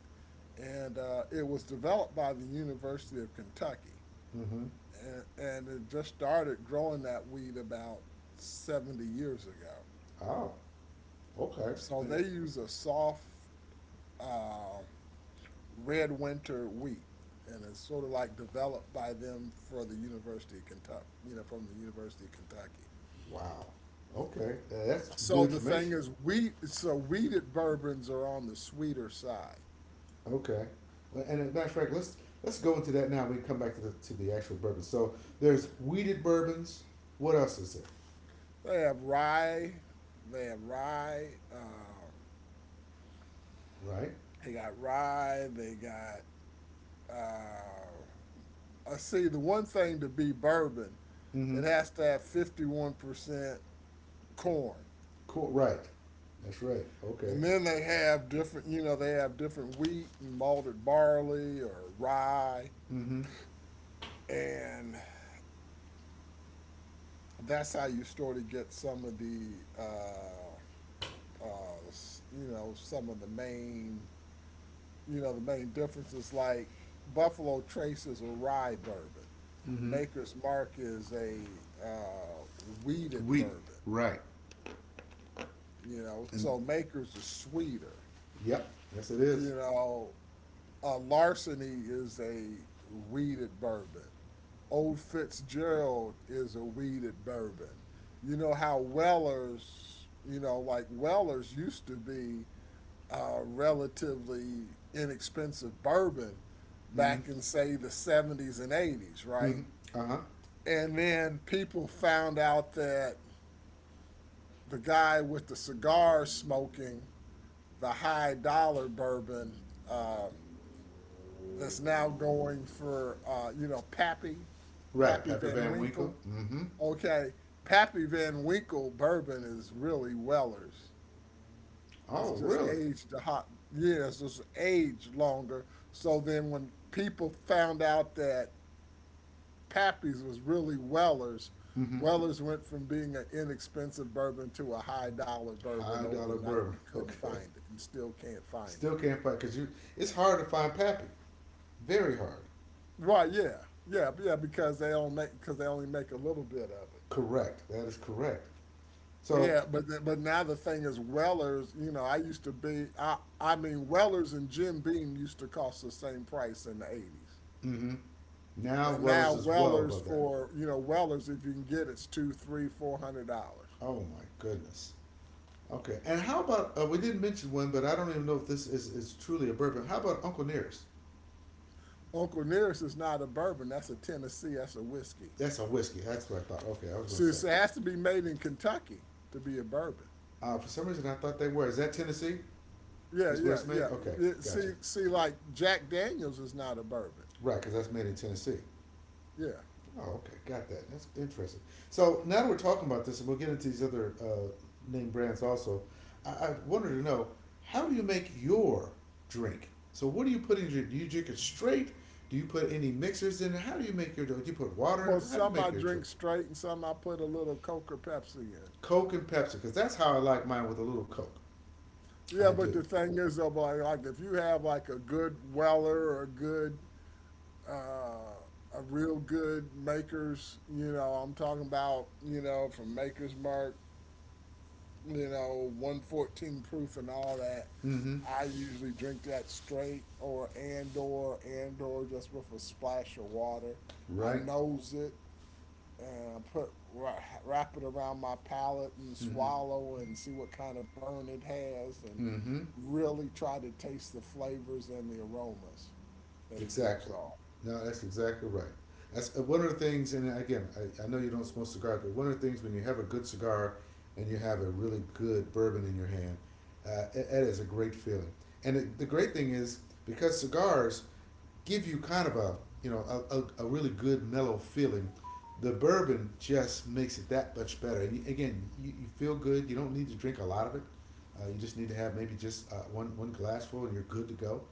S2: and it was developed by the University of Kentucky,
S1: Mm-hmm.
S2: and, it just started growing that wheat about 70 years ago.
S1: Oh, okay.
S2: So they use a soft uh, red winter wheat, and it's sort of like developed by them for the University of Kentucky, you know, from the University of Kentucky.
S1: Wow. Okay. That's good
S2: So the thing
S1: information.
S2: is, we so wheated bourbons are on the sweeter side.
S1: Okay, well, and as a matter of fact, let's go into that now. We can come back to the actual bourbon. So there's weeded bourbons. What else is there?
S2: They have rye, they have rye,
S1: Right.
S2: they got rye, they got. I see the one thing to be bourbon,
S1: Mm-hmm.
S2: it has to have 51% corn,
S1: Cool. Right. That's right. Okay.
S2: and then they have different. You know, they have different wheat and malted barley or rye,
S1: Mm-hmm.
S2: and that's how you sort of get some of the, uh, you know, some of the main The main difference is like Buffalo Trace is a rye bourbon.
S1: Mm-hmm.
S2: Maker's Mark is a uh, weeded
S1: Wheat,
S2: bourbon,
S1: right.
S2: you know,
S1: And
S2: so Maker's is sweeter.
S1: yep. Yes, it is.
S2: You know, Larceny is a weeded bourbon. Old Fitzgerald is a weeded bourbon. You know how Weller's, you know, like Weller's used to be relatively inexpensive bourbon
S1: Mm-hmm.
S2: back in say the 70s and 80s, right?
S1: Mm-hmm. Uh huh.
S2: And then people found out that the guy with the cigar smoking the high dollar bourbon uh, that's now going for you know Pappy,
S1: Right.
S2: Pappy
S1: Pappy
S2: Van
S1: Van Winkle.
S2: Winkle.
S1: Mm-hmm.
S2: Okay, Pappy Van Winkle bourbon is really Weller's. It's
S1: Oh,
S2: just
S1: really?
S2: aged the hot years, it's aged longer. So then when people found out that Pappy's was really Weller's,
S1: Mm-hmm.
S2: Weller's went from being an inexpensive bourbon to a high dollar bourbon
S1: High dollar
S2: overnight.
S1: bourbon.
S2: You couldn't
S1: Okay.
S2: find it and still can't find it.
S1: Still can't find because you. It's hard to find Pappy. Very hard.
S2: Right, yeah. Yeah, yeah, because they only make a little bit of it.
S1: Correct. That is correct. So,
S2: Yeah, but but now the thing is Weller's, you know, I used to be I mean Weller's and Jim Beam used to cost the same price in the 80s.
S1: mm-hmm. Now
S2: And now
S1: Weller's is well
S2: Weller's
S1: above that.
S2: for you know Weller's if you can get it's two, three, $400.
S1: Oh my goodness. Okay. And how about we didn't mention one, but I don't even know if this is truly a bourbon. How about Uncle Nearest?
S2: Uncle Nearest is not a bourbon. That's a Tennessee. That's a whiskey.
S1: That's a whiskey. That's what I thought. Okay, I was gonna
S2: So,
S1: say.
S2: it has to be made in Kentucky to be a bourbon.
S1: For some reason, I thought they were. Is that Tennessee?
S2: Yeah,
S1: Is where
S2: yeah,
S1: it's
S2: yeah.
S1: made? Okay,
S2: Yeah,
S1: gotcha.
S2: See, like Jack Daniels is not a bourbon.
S1: Right, because that's made in Tennessee.
S2: Yeah.
S1: Oh, okay, got that. That's interesting. So now that we're talking about this, and we'll get into these other name brands also. I wanted to know how do you make your drink? So what do you put in your? Do you drink it straight? Do you put any mixers in? It? How do you make your drink? Do you put water? In
S2: Well,
S1: it? How do you
S2: some I
S1: make your
S2: drink
S1: drink?
S2: straight, and some I put a little Coke or Pepsi in.
S1: Coke and Pepsi, because that's how I like mine with a little Coke.
S2: Yeah,
S1: I
S2: but
S1: do.
S2: the thing is, though, like if you have like a good Weller or a good a real good makers. You know, I'm talking about you know from Maker's Mark, you know, 114 proof and all that.
S1: Mm-hmm.
S2: I usually drink that straight or just with a splash of water. I
S1: Right.
S2: nose it and I put wrap it around my palate and
S1: Mm-hmm.
S2: swallow and see what kind of burn it has and
S1: Mm-hmm.
S2: really try to taste the flavors and the aromas that it gives
S1: Exactly.
S2: off.
S1: No, that's exactly right. That's one of the things, and again, I know you don't smoke cigars, but one of the things when you have a good cigar and you have a really good bourbon in your hand, it is a great feeling. And the great thing is, because cigars give you kind of a you know a really good mellow feeling. The bourbon just makes it that much better. And again, you feel good. You don't need to drink a lot of it. You just need to have maybe just one glassful, and you're good to go.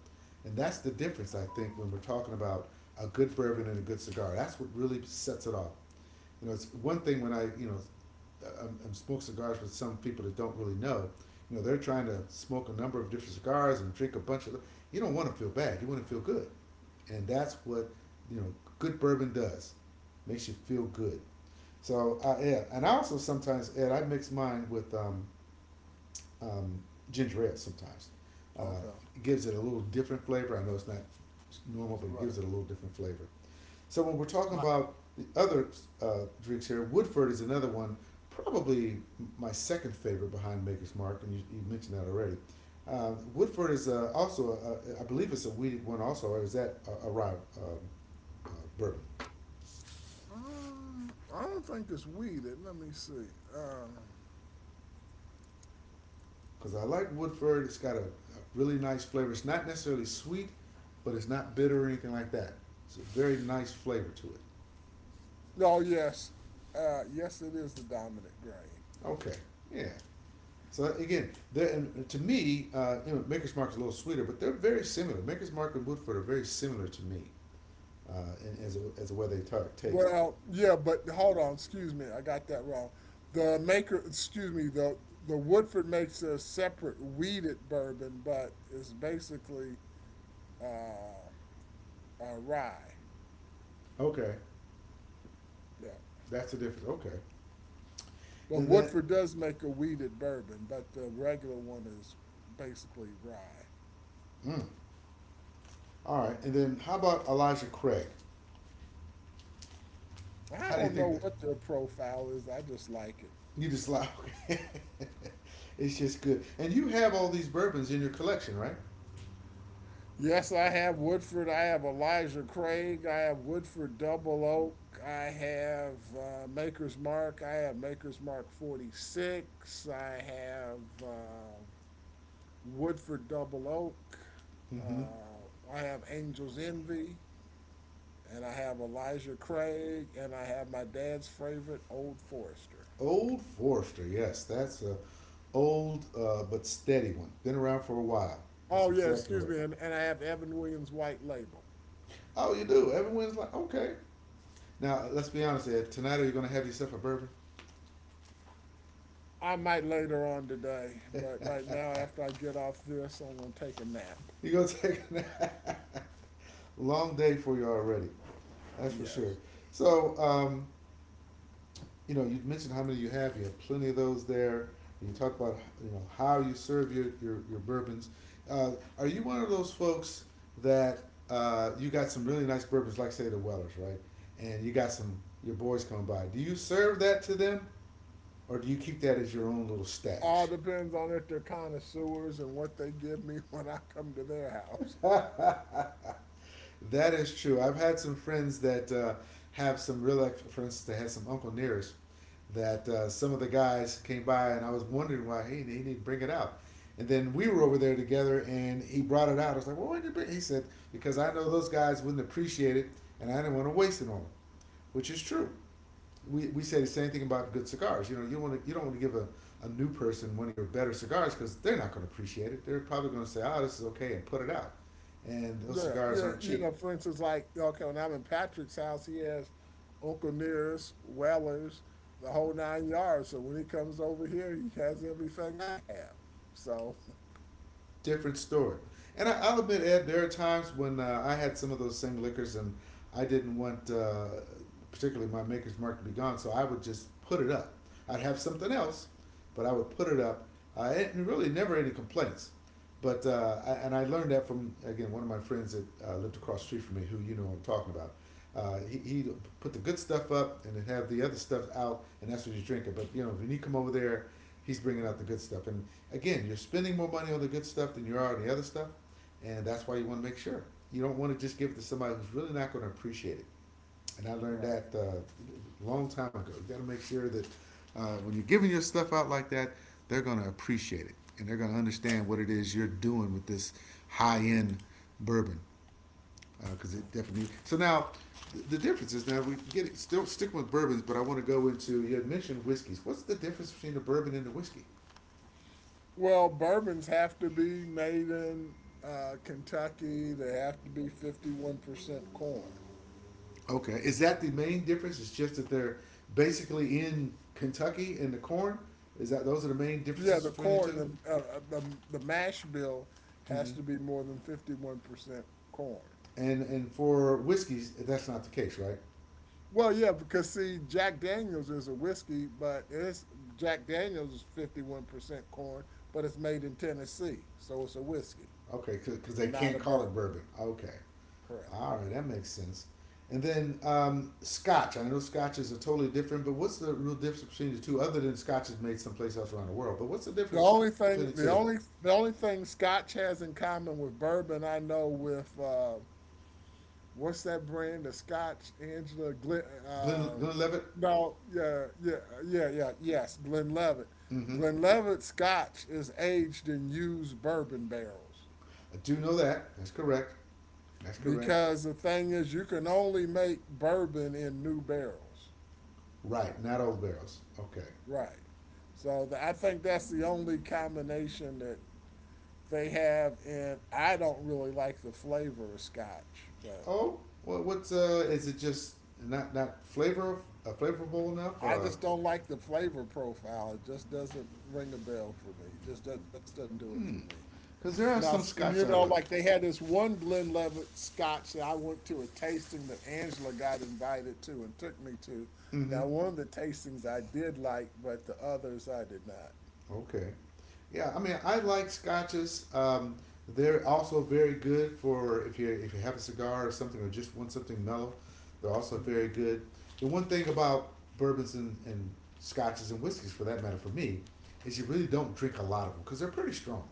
S1: And that's the difference, I think, when we're talking about a good bourbon and a good cigar. That's what really sets it off. You know, it's one thing when I you know I'm smoke cigars with some people that don't really know. You know, they're trying to smoke a number of different cigars and drink a bunch of. You don't want to feel bad. You want to feel good and that's what you know good bourbon does, makes you feel good. So I yeah, and I also sometimes Ed I mix mine with um, ginger ale sometimes. Uh,
S2: Okay,
S1: it gives it a little different flavor. I know it's not normal, but it
S2: right.
S1: gives it a little different flavor. So when we're talking
S2: My,
S1: about the other drinks here, Woodford is another one, probably my second favorite behind Maker's Mark, and you mentioned that already. Woodford is also, I believe it's a weeded one also, or is that a rye bourbon
S2: I don't think it's weeded. Let me see. Uh,
S1: because I like Woodford. It's got a really nice flavor. It's not necessarily sweet, but it's not bitter or anything like that. It's a very nice flavor to it.
S2: oh yes, yes, it is the dominant grain.
S1: Okay, yeah. So again, and to me, you know, Maker's Mark is a little sweeter, but they're very similar. Maker's Mark and Woodford are very similar to me, uh, in, as as a way they taste.
S2: Well, yeah, but hold on. Excuse me, I got that wrong. The maker, excuse me, the Woodford makes a separate weeded bourbon, but it's basically rye.
S1: Okay,
S2: Yeah,
S1: that's the difference. Okay,
S2: but
S1: and then,
S2: Woodford does make a weeded bourbon, but the regular one is basically rye.
S1: mm, all right, and then how about Elijah Craig?
S2: I
S1: How do you
S2: don't
S1: think
S2: know
S1: that
S2: what their profile is. I just like it.
S1: you just like? Okay. It's just good. And you have all these bourbons in your collection, right?
S2: Yes, I have Woodford. I have Elijah Craig. I have Woodford Double Oak. I have Maker's Mark. I have Maker's Mark 46. I have uh, Woodford Double Oak.
S1: Mm-hmm.
S2: I have Angel's Envy. And I have Elijah Craig. And I have my dad's favorite, Old Forester.
S1: Old Forester, yes, that's a old but steady one. Been around for a while. That's
S2: Oh, yeah,
S1: exactly
S2: excuse
S1: right.
S2: me. And I have Evan Williams White Label.
S1: Oh, you do. Everyone's like, okay. Now let's be honest, Ed. Tonight, are you gonna have yourself a bourbon?
S2: I might later on today, but right now, after I get off this, I'm gonna take a nap.
S1: You gonna take a long day for you already. That's for sure.
S2: Yes.
S1: So you know, you mentioned how many you have. You have plenty of those there. You talk about you know how you serve your your bourbons. Uh, are you one of those folks that you got some really nice bourbons, like say the Wellers, right? And you got some your boys coming by. Do you serve that to them, or do you keep that as your own little
S2: All
S1: stash?
S2: depends on if they're connoisseurs and what they give me when I come to their house.
S1: That is true. I've had some friends that have some real, like, for instance, I had some uncle nearest that some of the guys came by and I was wondering why he didn't bring it out. And then we were over there together and he brought it out. I was like, well, why did you bring it? He said, because I know those guys wouldn't appreciate it and I didn't want to waste it on them, which is true. We say the same thing about good cigars. You know, you don't want to give a new person one of your better cigars because they're not going to appreciate it. They're probably going to say, oh, this is okay and put it out. And those
S2: Yeah,
S1: cigars
S2: yeah,
S1: aren't
S2: you
S1: cheap.
S2: know, for instance, like, okay, when I'm in Patrick's house, he has Uncle Nearest, Wellers, the whole nine yards. So when he comes over here, he has everything I have. So,
S1: Different story. And will admit, Ed, there are times when I had some of those same liquors and I didn't want, particularly my Maker's Mark, to be gone. So I would just put it up. I'd have something else, but I would put it up. And really, never any complaints. But and I learned that from again one of my friends that lived across the street from me, who you know I'm talking about. He put the good stuff up and then have the other stuff out, and that's what you drink it. But you know when you come over there, he's bringing out the good stuff, and again, you're spending more money on the good stuff than you are on the other stuff, and that's why you want to make sure you don't want to just give it to somebody who's really not going to appreciate it. And I learned
S2: right,
S1: that a long time ago. You got to make sure that when you're giving your stuff out like that, they're going to appreciate it and they're going to understand
S2: right.
S1: what it is you're doing with this high end bourbon because it definitely. So now the difference is now we get it, still stick with bourbons, but I want to go into you had mentioned whiskeys. What's the difference between the bourbon and the whiskey?
S2: Well, bourbons have to be made in Kentucky. They have to be 51% corn.
S1: Okay, is that the main difference? It's just that they're basically in Kentucky and the corn. Is that those are the main
S2: Yeah,
S1: differences
S2: the
S1: between the
S2: corn,
S1: 2?
S2: the mash bill has
S1: Mm-hmm.
S2: to be more than 51% corn.
S1: And for whiskeys, that's not the case, right?
S2: Well, yeah, because see, Jack Daniels is a whiskey, but it's Jack Daniels is 51% corn, but it's made in Tennessee, so it's a whiskey,
S1: Okay, because they
S2: not
S1: can't
S2: a
S1: call
S2: bourbon.
S1: it bourbon. Okay,
S2: Correct.
S1: all right, that makes sense. And then Scotch. I know Scotches are totally different, but what's the real difference between the two? Other than Scotch is made someplace else around the world, but what's the
S2: The
S1: difference
S2: only
S1: between
S2: thing,
S1: the
S2: the
S1: two?
S2: only, the only thing Scotch has in common with bourbon, I know with what's that brand? The Scotch Angela Glen.
S1: Glen
S2: Uh,
S1: Glenlivet.
S2: no, yeah, yeah, yeah, yeah. Yes, Glenlivet.
S1: Mm-hmm.
S2: Glenlivet Scotch is aged in used bourbon barrels
S1: I do know that. That's correct. That's correct.
S2: because the thing is, you can only make bourbon in new barrels,
S1: Right, not old barrels. Okay.
S2: right? So the, I think that's the only combination that they have in I don't really like the flavor of scotch, but
S1: Oh, well, what's uh? Is it just not flavor flavorful enough?
S2: I just don't like the flavor profile. It just doesn't ring a bell for me. Just doesn't do it for me.
S1: Because there are
S2: Now
S1: some
S2: you
S1: Scotch I
S2: know,
S1: like.
S2: like they had this one Glenlivet Scotch that I went to a tasting that Angela got invited to and took me to.
S1: Mm-hmm.
S2: Now one of the tastings I did like, but the others I did not.
S1: Okay. Yeah, I mean, I like Scotches. They're also very good for if you have a cigar or something or just want something mellow. They're also very good. The one thing about bourbons and Scotches and whiskeys, for that matter, for me, is you really don't drink a lot of them because they're pretty strong.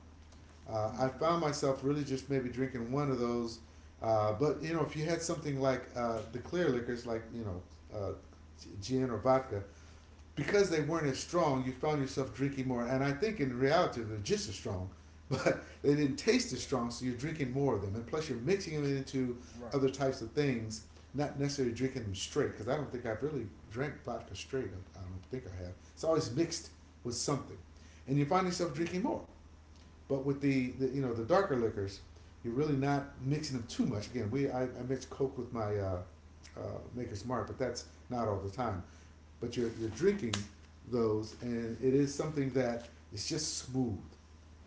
S1: I found myself really just maybe drinking one of those. But you know, if you had something like the clear liquors, like you know, uh, gin or vodka, because they weren't as strong, you found yourself drinking more. And I think in reality they're just as strong, but they didn't taste as strong, so you're drinking more of them. And plus, you're mixing them into
S2: Right.
S1: other types of things, not necessarily drinking them straight. Because I don't think I've really drank vodka straight. I don't think I have. It's always mixed with something, and you find yourself drinking more. But with the you know the darker liquors, you're really not mixing them too much. Again, I mix Coke with my uh, Maker's Mark, but that's not all the time. But you're drinking those, and it is something that is just smooth,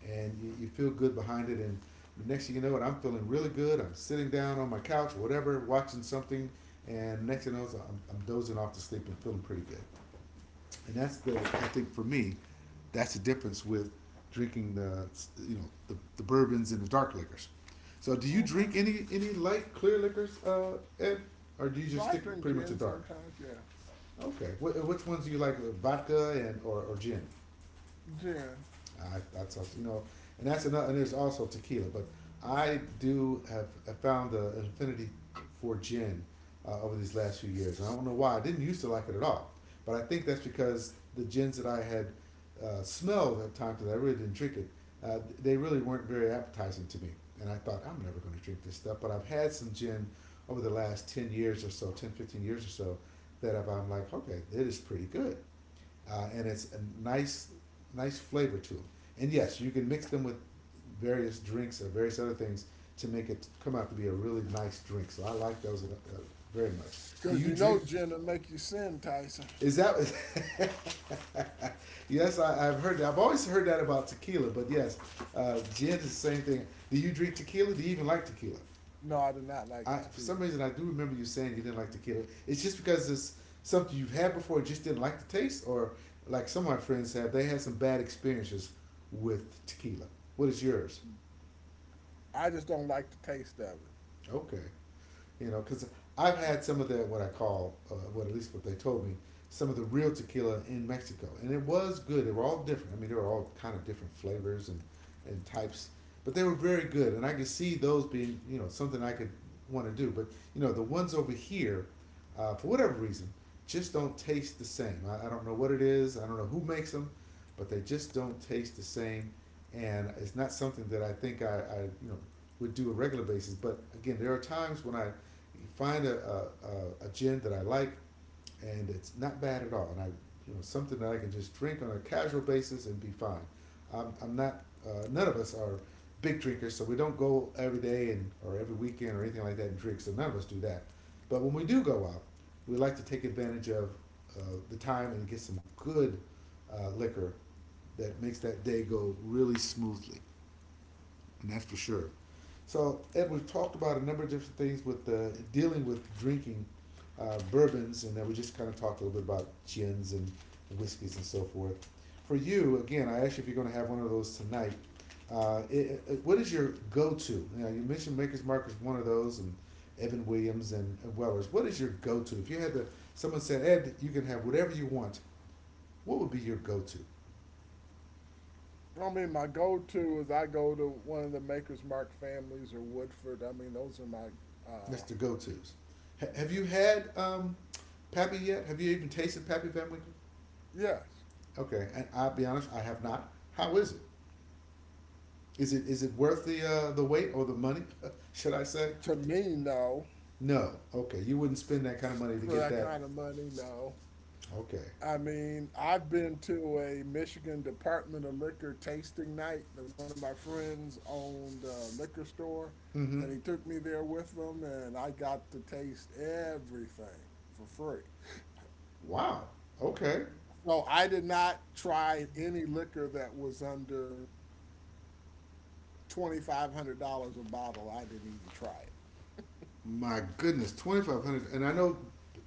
S1: and you feel good behind it. And the next thing you know, I'm feeling really good. I'm sitting down on my couch, whatever, watching something, and next thing you know, I'm dozing off to sleep and feeling pretty good, and that's the I think for me, that's the difference with drinking the bourbons and the dark liquors. So do you
S2: Okay.
S1: drink any light clear liquors, Ed, or do you
S2: No,
S1: just
S2: I
S1: stick with
S2: drink
S1: pretty much the
S2: gin
S1: dark?
S2: sometimes. Yeah,
S1: Okay, which ones do you like, vodka and or gin?
S2: gin.
S1: I, that's also, you know, and that's another. And there's also tequila, but I do have found the affinity for gin over these last few years. And I don't know why. I didn't used to like it at all, but I think that's because the gins that I had smelled at times, because I really didn't drink it, they really weren't very appetizing to me. And I thought I'm never going to drink this stuff. But I've had some gin over the last 10 years or so, 10, 15 years or so, that I'm like, okay, it is pretty good, and it's a nice, nice flavor to them. And yes, you can mix them with various drinks or various other things to make it come out to be a really nice drink. So I like those uh, very much. Do
S2: Because
S1: you
S2: you
S1: drink?
S2: know gin will make you sin, Tyson.
S1: Is that? Yes, I've heard that. I've always heard that about tequila, but yes, gin is the same thing. Do you drink tequila? Do you even like tequila?
S2: No, I do not like
S1: I for
S2: tequila.
S1: some reason I do remember you saying you didn't like tequila. It's just because it's something you've had before, just didn't like the taste, or like some of my friends have, they had some bad experiences with tequila. What is yours?
S2: I just don't like the taste of it.
S1: Okay. You know, because I've
S2: Yeah.
S1: had some of the what I call, what at least what they told me, some of the real tequila in Mexico, and it was good. They were all different. I mean, they were all kind of different flavors and types, but they were very good, and I could see those being, you know, something I could want to do. But you know, the ones over here, for whatever reason, just don't taste the same. I don't know what it is. I don't know who makes them, but they just don't taste the same, and it's not something that I think I you know would do on a regular basis. But again, there are times when I you find a gin that I like, and it's not bad at all. And I, you know, something that I can just drink on a casual basis and be fine. I'm not. None of us are big drinkers, so we don't go every day and or every weekend or anything like that and drink. So none of us do that. But when we do go out, we like to take advantage of uh, the time and get some good liquor that makes that day go really smoothly. And that's for sure. So, Ed, we've talked about a number of different things with dealing with drinking bourbons, and then we just kind of talked a little bit about gins and whiskeys and so forth. For you, again, I asked you if you're going to have one of those tonight. What is your go-to? You know, you mentioned Maker's Mark is one of those, and Evan Williams and Wellers. What is your go-to? If you had to, someone said, Ed, you can have whatever you want. What would be your go-to?
S2: I mean, my go-to is I go to one of the Maker's Mark families or Woodford. I mean, those are my,
S1: That's
S2: uh,
S1: the go-tos.
S2: yeah,
S1: Have you had Pappy yet? Have you even tasted Pappy Van Winkle?
S2: yes.
S1: Okay, and I'll be honest, I have not. How is it? Is it worth the wait or the money? Should I say?
S2: To me, no.
S1: No. Okay, you wouldn't spend that kind of money to
S2: For
S1: get
S2: that
S1: that.
S2: kind of money, no.
S1: Okay.
S2: I mean, I've been to a Michigan Department of Liquor tasting night that one of my friends owned a liquor store, and
S1: Mm-hmm.
S2: he took me there with him, and I got to taste everything for free.
S1: Wow. Okay.
S2: So I did not try any liquor that was under $2,500 a bottle. I didn't even try it.
S1: My goodness, 2,500. And I know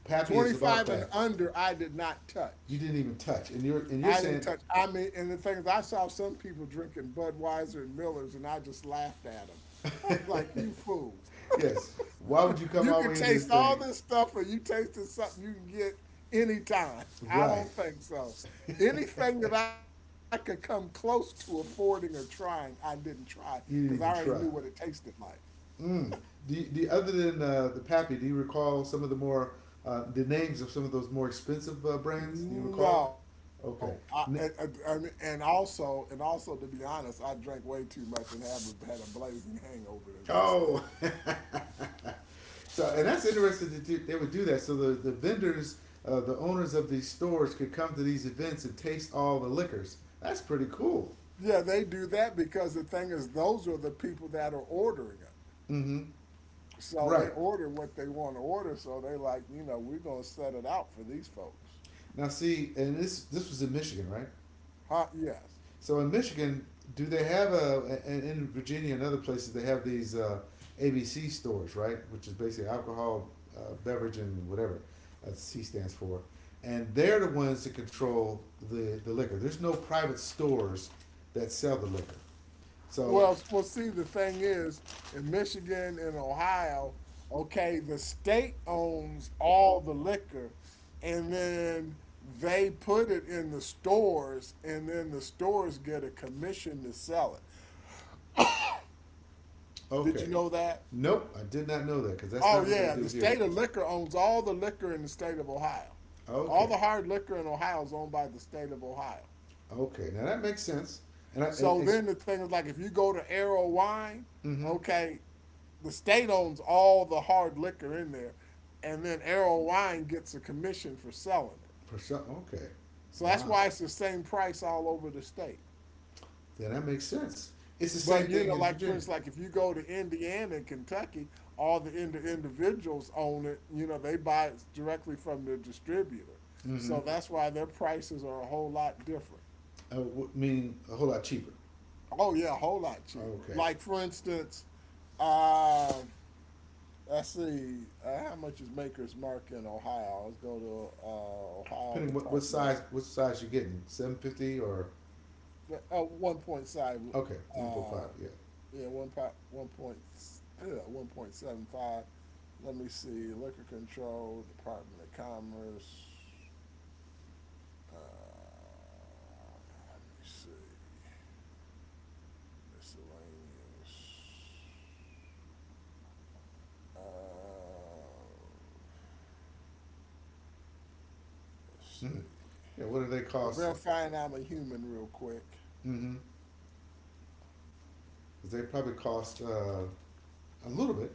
S1: Pappy
S2: Twenty
S1: is about
S2: five and
S1: that.
S2: under, I did not
S1: You
S2: touch.
S1: didn't even touch, and you're
S2: I didn't
S1: saying,
S2: touch. I mean, and the thing is, I saw some people drinking Budweiser and Millers, and I just laughed at them. I'm like, you fool!
S1: yes. Why would you come
S2: You
S1: all the
S2: can
S1: way into this
S2: taste all
S1: thing?
S2: this stuff, or you tasted something you can get anytime. I
S1: Right.
S2: don't think so. Anything
S1: You
S2: that I could come close to affording or trying, I didn't try because I already
S1: didn't
S2: knew
S1: even
S2: what it
S1: try.
S2: tasted like.
S1: Mm. Do you- other than the Pappy, do you recall some of the more the names of some of those more expensive brands? Do you recall?
S2: No,
S1: Okay.
S2: I mean,
S1: N-
S2: and also, to be honest, I drank way too much and have had a blazing hangover the next day.
S1: oh, so and that's interesting that they would do that. So the vendors, the owners of these stores, could come to these events and taste all the liquors. That's pretty cool.
S2: Yeah, they do that because the thing is, those are the people that are ordering it.
S1: Mm-hmm.
S2: So they
S1: Right
S2: order what they want to order. So they like, you know, we're gonna set it out for these folks,
S1: now, see, and this was in Michigan, right?
S2: huh? Yes.
S1: So in Michigan, do they have a and in Virginia and other places they have these ABC stores, right? Which is basically alcohol, beverage, and whatever C stands for. And they're the ones that control the liquor. There's no private stores that sell the liquor. So
S2: Well, see, the thing is, in Michigan and Ohio, okay, the state owns all the liquor, and then they put it in the stores, and then the stores get a commission to sell it. Did you
S1: okay,
S2: know that?
S1: nope, I did not know that because that's
S2: Oh
S1: not what they
S2: yeah, the
S1: do here.
S2: state of liquor owns all the liquor in the state of Ohio. All
S1: Okay,
S2: the hard liquor in Ohio is owned by the state of Ohio.
S1: okay, now that makes sense. And I, and,
S2: So
S1: and
S2: then the thing is like if you go to Arrow Wine,
S1: mm-hmm,
S2: okay, the state owns all the hard liquor in there, and then Arrow Wine gets a commission for selling it.
S1: for sure. Okay,
S2: So that's
S1: wow,
S2: why it's the same price all over the state.
S1: then that makes sense. It's the same
S2: But you
S1: thing
S2: know,
S1: in
S2: like for
S1: Virginia.
S2: instance, like if you go to Indiana and Kentucky, all the individuals own it. You know, they buy it directly from the distributor.
S1: Mm-hmm.
S2: So that's why their prices are a whole lot different.
S1: Meaning a whole lot cheaper.
S2: Oh yeah, a whole lot cheaper.
S1: Okay.
S2: Like for instance, um I see. How much is Maker's Mark in Ohio? Let's go to Ohio
S1: Depending what
S2: Department
S1: size you're getting, 750 or
S2: of 1.5.
S1: okay, 1.5.
S2: Uh,
S1: Yeah.
S2: yeah, one point one point yeah, 1.75. Let me see. Liquor Control Department of Commerce. Uh, let me see. Miscellaneous. Uh, let's see.
S1: Mm-hmm. Yeah. What do they cost?
S2: Verifying I'm a human, real quick.
S1: Mm-hmm. Cause they probably cost a little bit.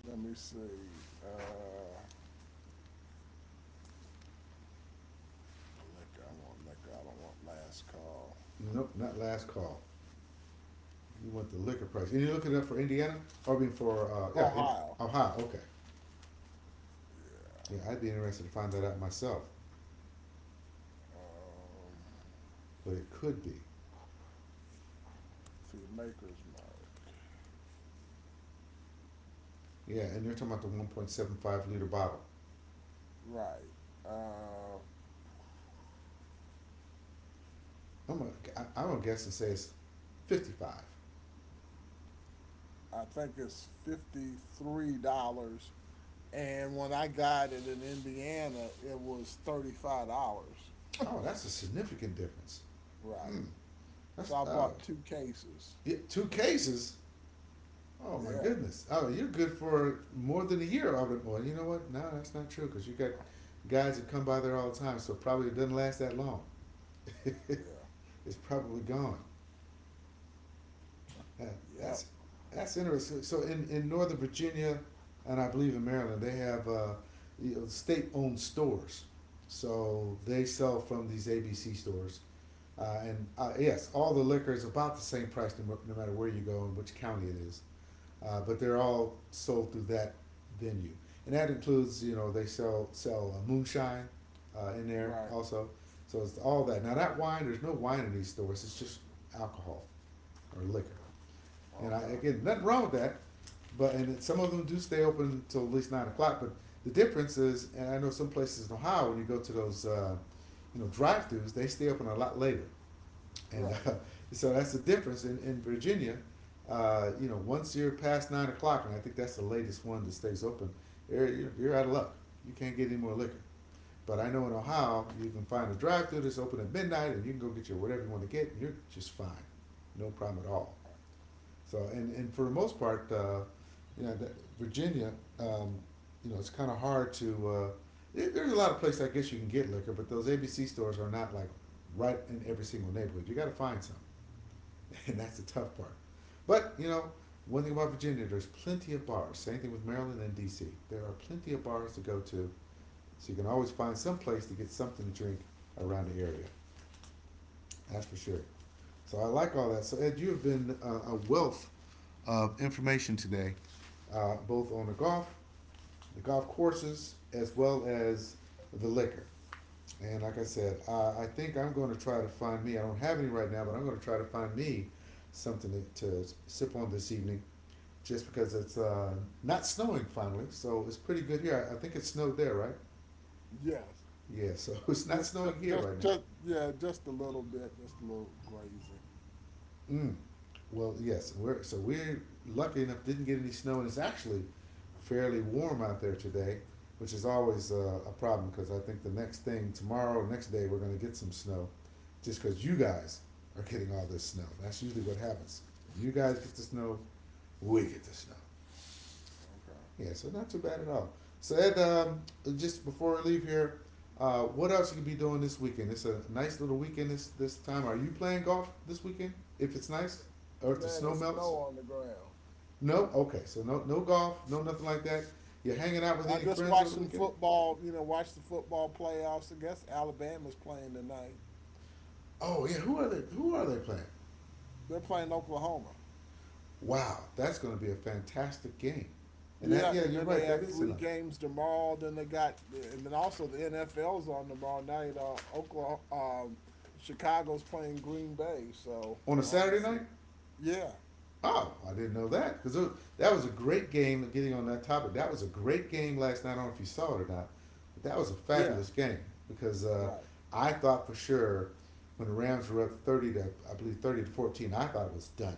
S2: Let me see. Uh, liquor. I want liquor. I don't want last call.
S1: Nope, not last call. You want the liquor price, and you're looking it up for Indiana, or I mean for yeah, in
S2: Ohio.
S1: Ohio. Okay.
S2: Yeah.
S1: Yeah, I'd be interested to find that out myself,
S2: Um,
S1: but it could be.
S2: see, Maker's Mark.
S1: Yeah, and you're talking about the 1.75 liter bottle.
S2: Right. Uh,
S1: I'm gonna, I'm gonna guess and say it's 55.
S2: I think it's $53, and when I got it in Indiana, it was $35.
S1: Oh, that's a significant difference.
S2: Right.
S1: Mm,
S2: So
S1: that's
S2: I
S1: oh,
S2: bought two cases.
S1: yeah, two cases. Oh my
S2: Yeah.
S1: goodness. Oh, you're good for more than a year. I would, well, you know what? No, that's not true because you got guys that come by there all the time, so probably it doesn't last that long.
S2: Yeah.
S1: It's probably gone. Yeah,
S2: Yep.
S1: that's that's interesting. So in Northern Virginia, and I believe in Maryland, they have you know, state-owned stores. So they sell from these ABC stores. And yes, all the liquor is about the same price, no, no matter where you go and which county it is. But they're all sold through that venue, and that includes you know they sell moonshine in there
S2: Right.
S1: also. So it's all that. Now that wine, there's no wine in these stores. It's just alcohol or liquor. And I
S2: Okay.
S1: again, nothing wrong with that. But and some of them do stay open till at least 9 o'clock. But the difference is, and I know some places in Ohio when you go to those, you know, drive-throughs, they stay open a lot later and
S2: Right.
S1: so that's the difference in Virginia. You know, once you're past 9 o'clock, and I think that's the latest one that stays open, you're- out of luck. You can't get any more liquor. But I know in Ohio, you can find a drive-through that's open at midnight, and you can go get your whatever you want to get, and you're just fine, no problem at all. So, and for the most part, you know, that Virginia, um, you know, it's kind of hard to. There's a lot of places I guess you can get liquor, but those ABC stores are not like right in every single neighborhood. You got to find some. And that's the tough part. But you know, one thing about Virginia, there's plenty of bars. Same thing with Maryland and D.C. There are plenty of bars to go to, so you can always find some place to get something to drink around the area. That's for sure. So I like all that. So Ed, you have been a wealth of information today, both on the golf courses, as well as the liquor. And like I said, I think I'm going to try to find me. I don't have any right now, but I'm going to try to find me something to sip on this evening. Just because it's not snowing finally, so it's pretty good here. I think it snowed there, right?
S2: Yes.
S1: Yeah, so it's not
S2: Just,
S1: snowing here right now.
S2: yeah, just a little bit, just a little grazing.
S1: Mm. Well, yes, we're lucky enough didn't get any snow, and it's actually fairly warm out there today, which is always a problem because I think the next thing tomorrow, next day, we're going to get some snow, just because you guys are getting all this snow. That's usually what happens. When you guys get the snow, we get the snow.
S2: Okay.
S1: Yeah, so not too bad at all. So Ed, just before we leave here, what else you could be doing this weekend? It's a nice little weekend this time. Are you playing golf this weekend? If it's nice, or if the
S2: Man,
S1: snow
S2: it's
S1: melts?
S2: snow on the ground.
S1: No. Okay, so no golf, no nothing like that. You hanging out with
S2: I
S1: any
S2: just
S1: friends over
S2: watched
S1: the
S2: some
S1: weekend?
S2: football, you know, watched the football playoffs. I guess Alabama's playing tonight.
S1: Oh yeah, who are they? Who are they playing?
S2: They're playing Oklahoma.
S1: Wow, that's going to be a fantastic game. And that,
S2: Yeah,
S1: yeah,
S2: and
S1: you're
S2: then they
S1: right. That
S2: have
S1: is
S2: three
S1: tonight
S2: games tomorrow. And then also the NFL's on tomorrow night. Chicago's playing Green Bay, so
S1: on a
S2: I want to
S1: Saturday night.
S2: see. Yeah,
S1: Oh, I didn't know that because that was a great game. Getting on that topic, that was a great game last night. I don't know if you saw it or not, but that was a
S2: yeah,
S1: fabulous game because
S2: right.
S1: I thought for sure when the Rams were up 30 to I believe 30 to 14, I thought it was done.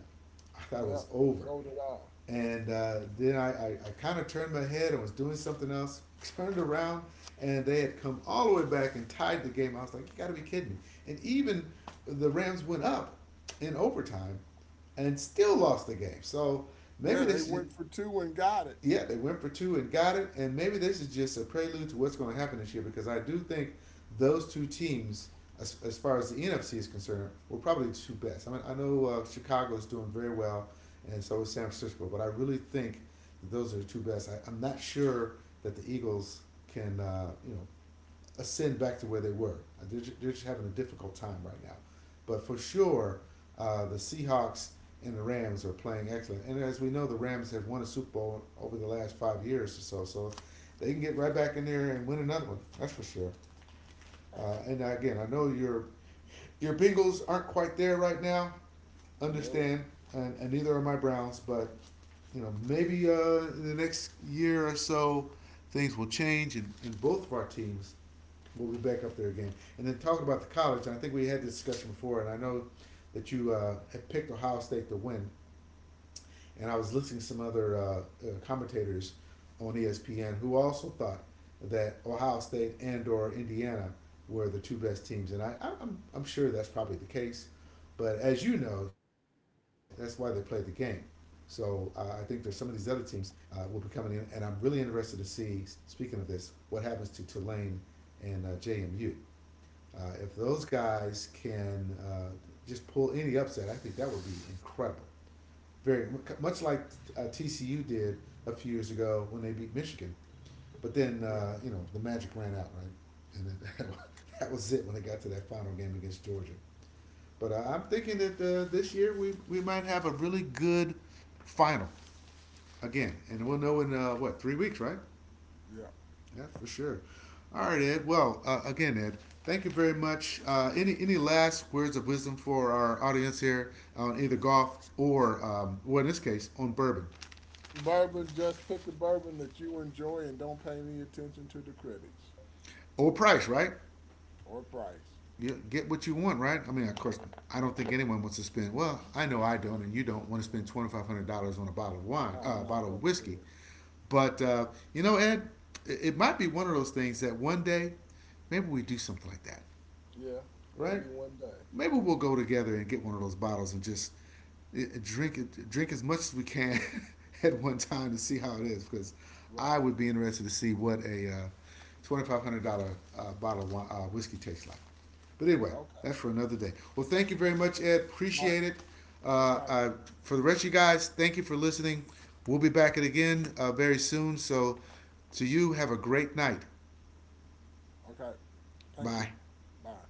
S1: I thought it
S2: Yeah,
S1: was over.
S2: so did I.
S1: And then I kind of turned my head and was doing something else, turned around, and they had come all the way back and tied the game. I was like, you got to be kidding me. And even the Rams went up in overtime and still lost the game. So
S2: Yeah,
S1: maybe they
S2: they
S1: should
S2: went for two and got it.
S1: yeah, they went for two and got it. And maybe this is just a prelude to what's going to happen this year because I do think those two teams, as far as the NFC is concerned, were probably the two best. I mean, I know Chicago is doing very well, and so is San Francisco, but I really think that those are the two best. I'm not sure that the Eagles can, you know, ascend back to where they were. They're just having a difficult time right now. But for sure, the Seahawks and the Rams are playing excellent. And as we know, the Rams have won a Super Bowl over the last 5 years or so. So they can get right back in there and win another one. That's for sure.
S2: Right.
S1: And again, I know your Bengals aren't quite there right now.
S2: Nope.
S1: Understand, and neither are my Browns. But you know, maybe in the next year or so, things will change, and both of our teams we'll be back up there again. And then talking about the college, I think we had this discussion before, and I know that you had picked Ohio State to win, and I was listening to some other commentators on ESPN who also thought that Ohio State and or Indiana were the two best teams, and I'm sure that's probably the case. But as you know, that's why they play the game. So I think there's some of these other teams will be coming in, and I'm really interested to see. Speaking of this, what happens to Tulane and JMU? If those guys can just pull any upset, I think that would be incredible. Very much like TCU did a few years ago when they beat Michigan, but
S2: Yeah.
S1: then you know the magic ran out, right? And then that was it when they got to that final game against Georgia. But I'm thinking that this year we might have a really good final again, and we'll know in what, three weeks, right?
S2: Yeah.
S1: Yeah, for sure. All right, Ed. Well, again, Ed, thank you very much. Any last words of wisdom for our audience here on either golf or, well, in this case, on bourbon.
S2: Bourbon, just pick a bourbon that you enjoy and don't pay any attention to the critics
S1: Old price, right?
S2: or price.
S1: You get what you want, right? I mean, of course, I
S2: Yeah.
S1: don't think anyone wants to spend. Well, I know I don't, and you don't want to
S2: Right.
S1: spend $2,500 on a bottle of wine,
S2: Oh, I'm
S1: a
S2: not
S1: bottle of
S2: going to do
S1: whiskey.
S2: it.
S1: But you know, Ed, it might be one of those things that one day, maybe we do something like that.
S2: Yeah.
S1: Right?
S2: Maybe one day.
S1: Maybe we'll go together and get one of those bottles and just
S2: Yeah.
S1: drink it, drink as much as we can at one time to see how it is. Because
S2: Right.
S1: I would be interested to see what a $2,500 bottle of whiskey tastes like. But
S2: Yeah,
S1: anyway,
S2: okay.
S1: that's for another day. Well, thank you very much, Ed.
S2: All right.
S1: Appreciate it. Uh,
S2: Okay.
S1: uh, for the rest of you guys, thank you for listening. We'll be back at it again very soon. So, to you, have a great night.
S2: Okay. Thank you.
S1: Bye.
S2: Bye.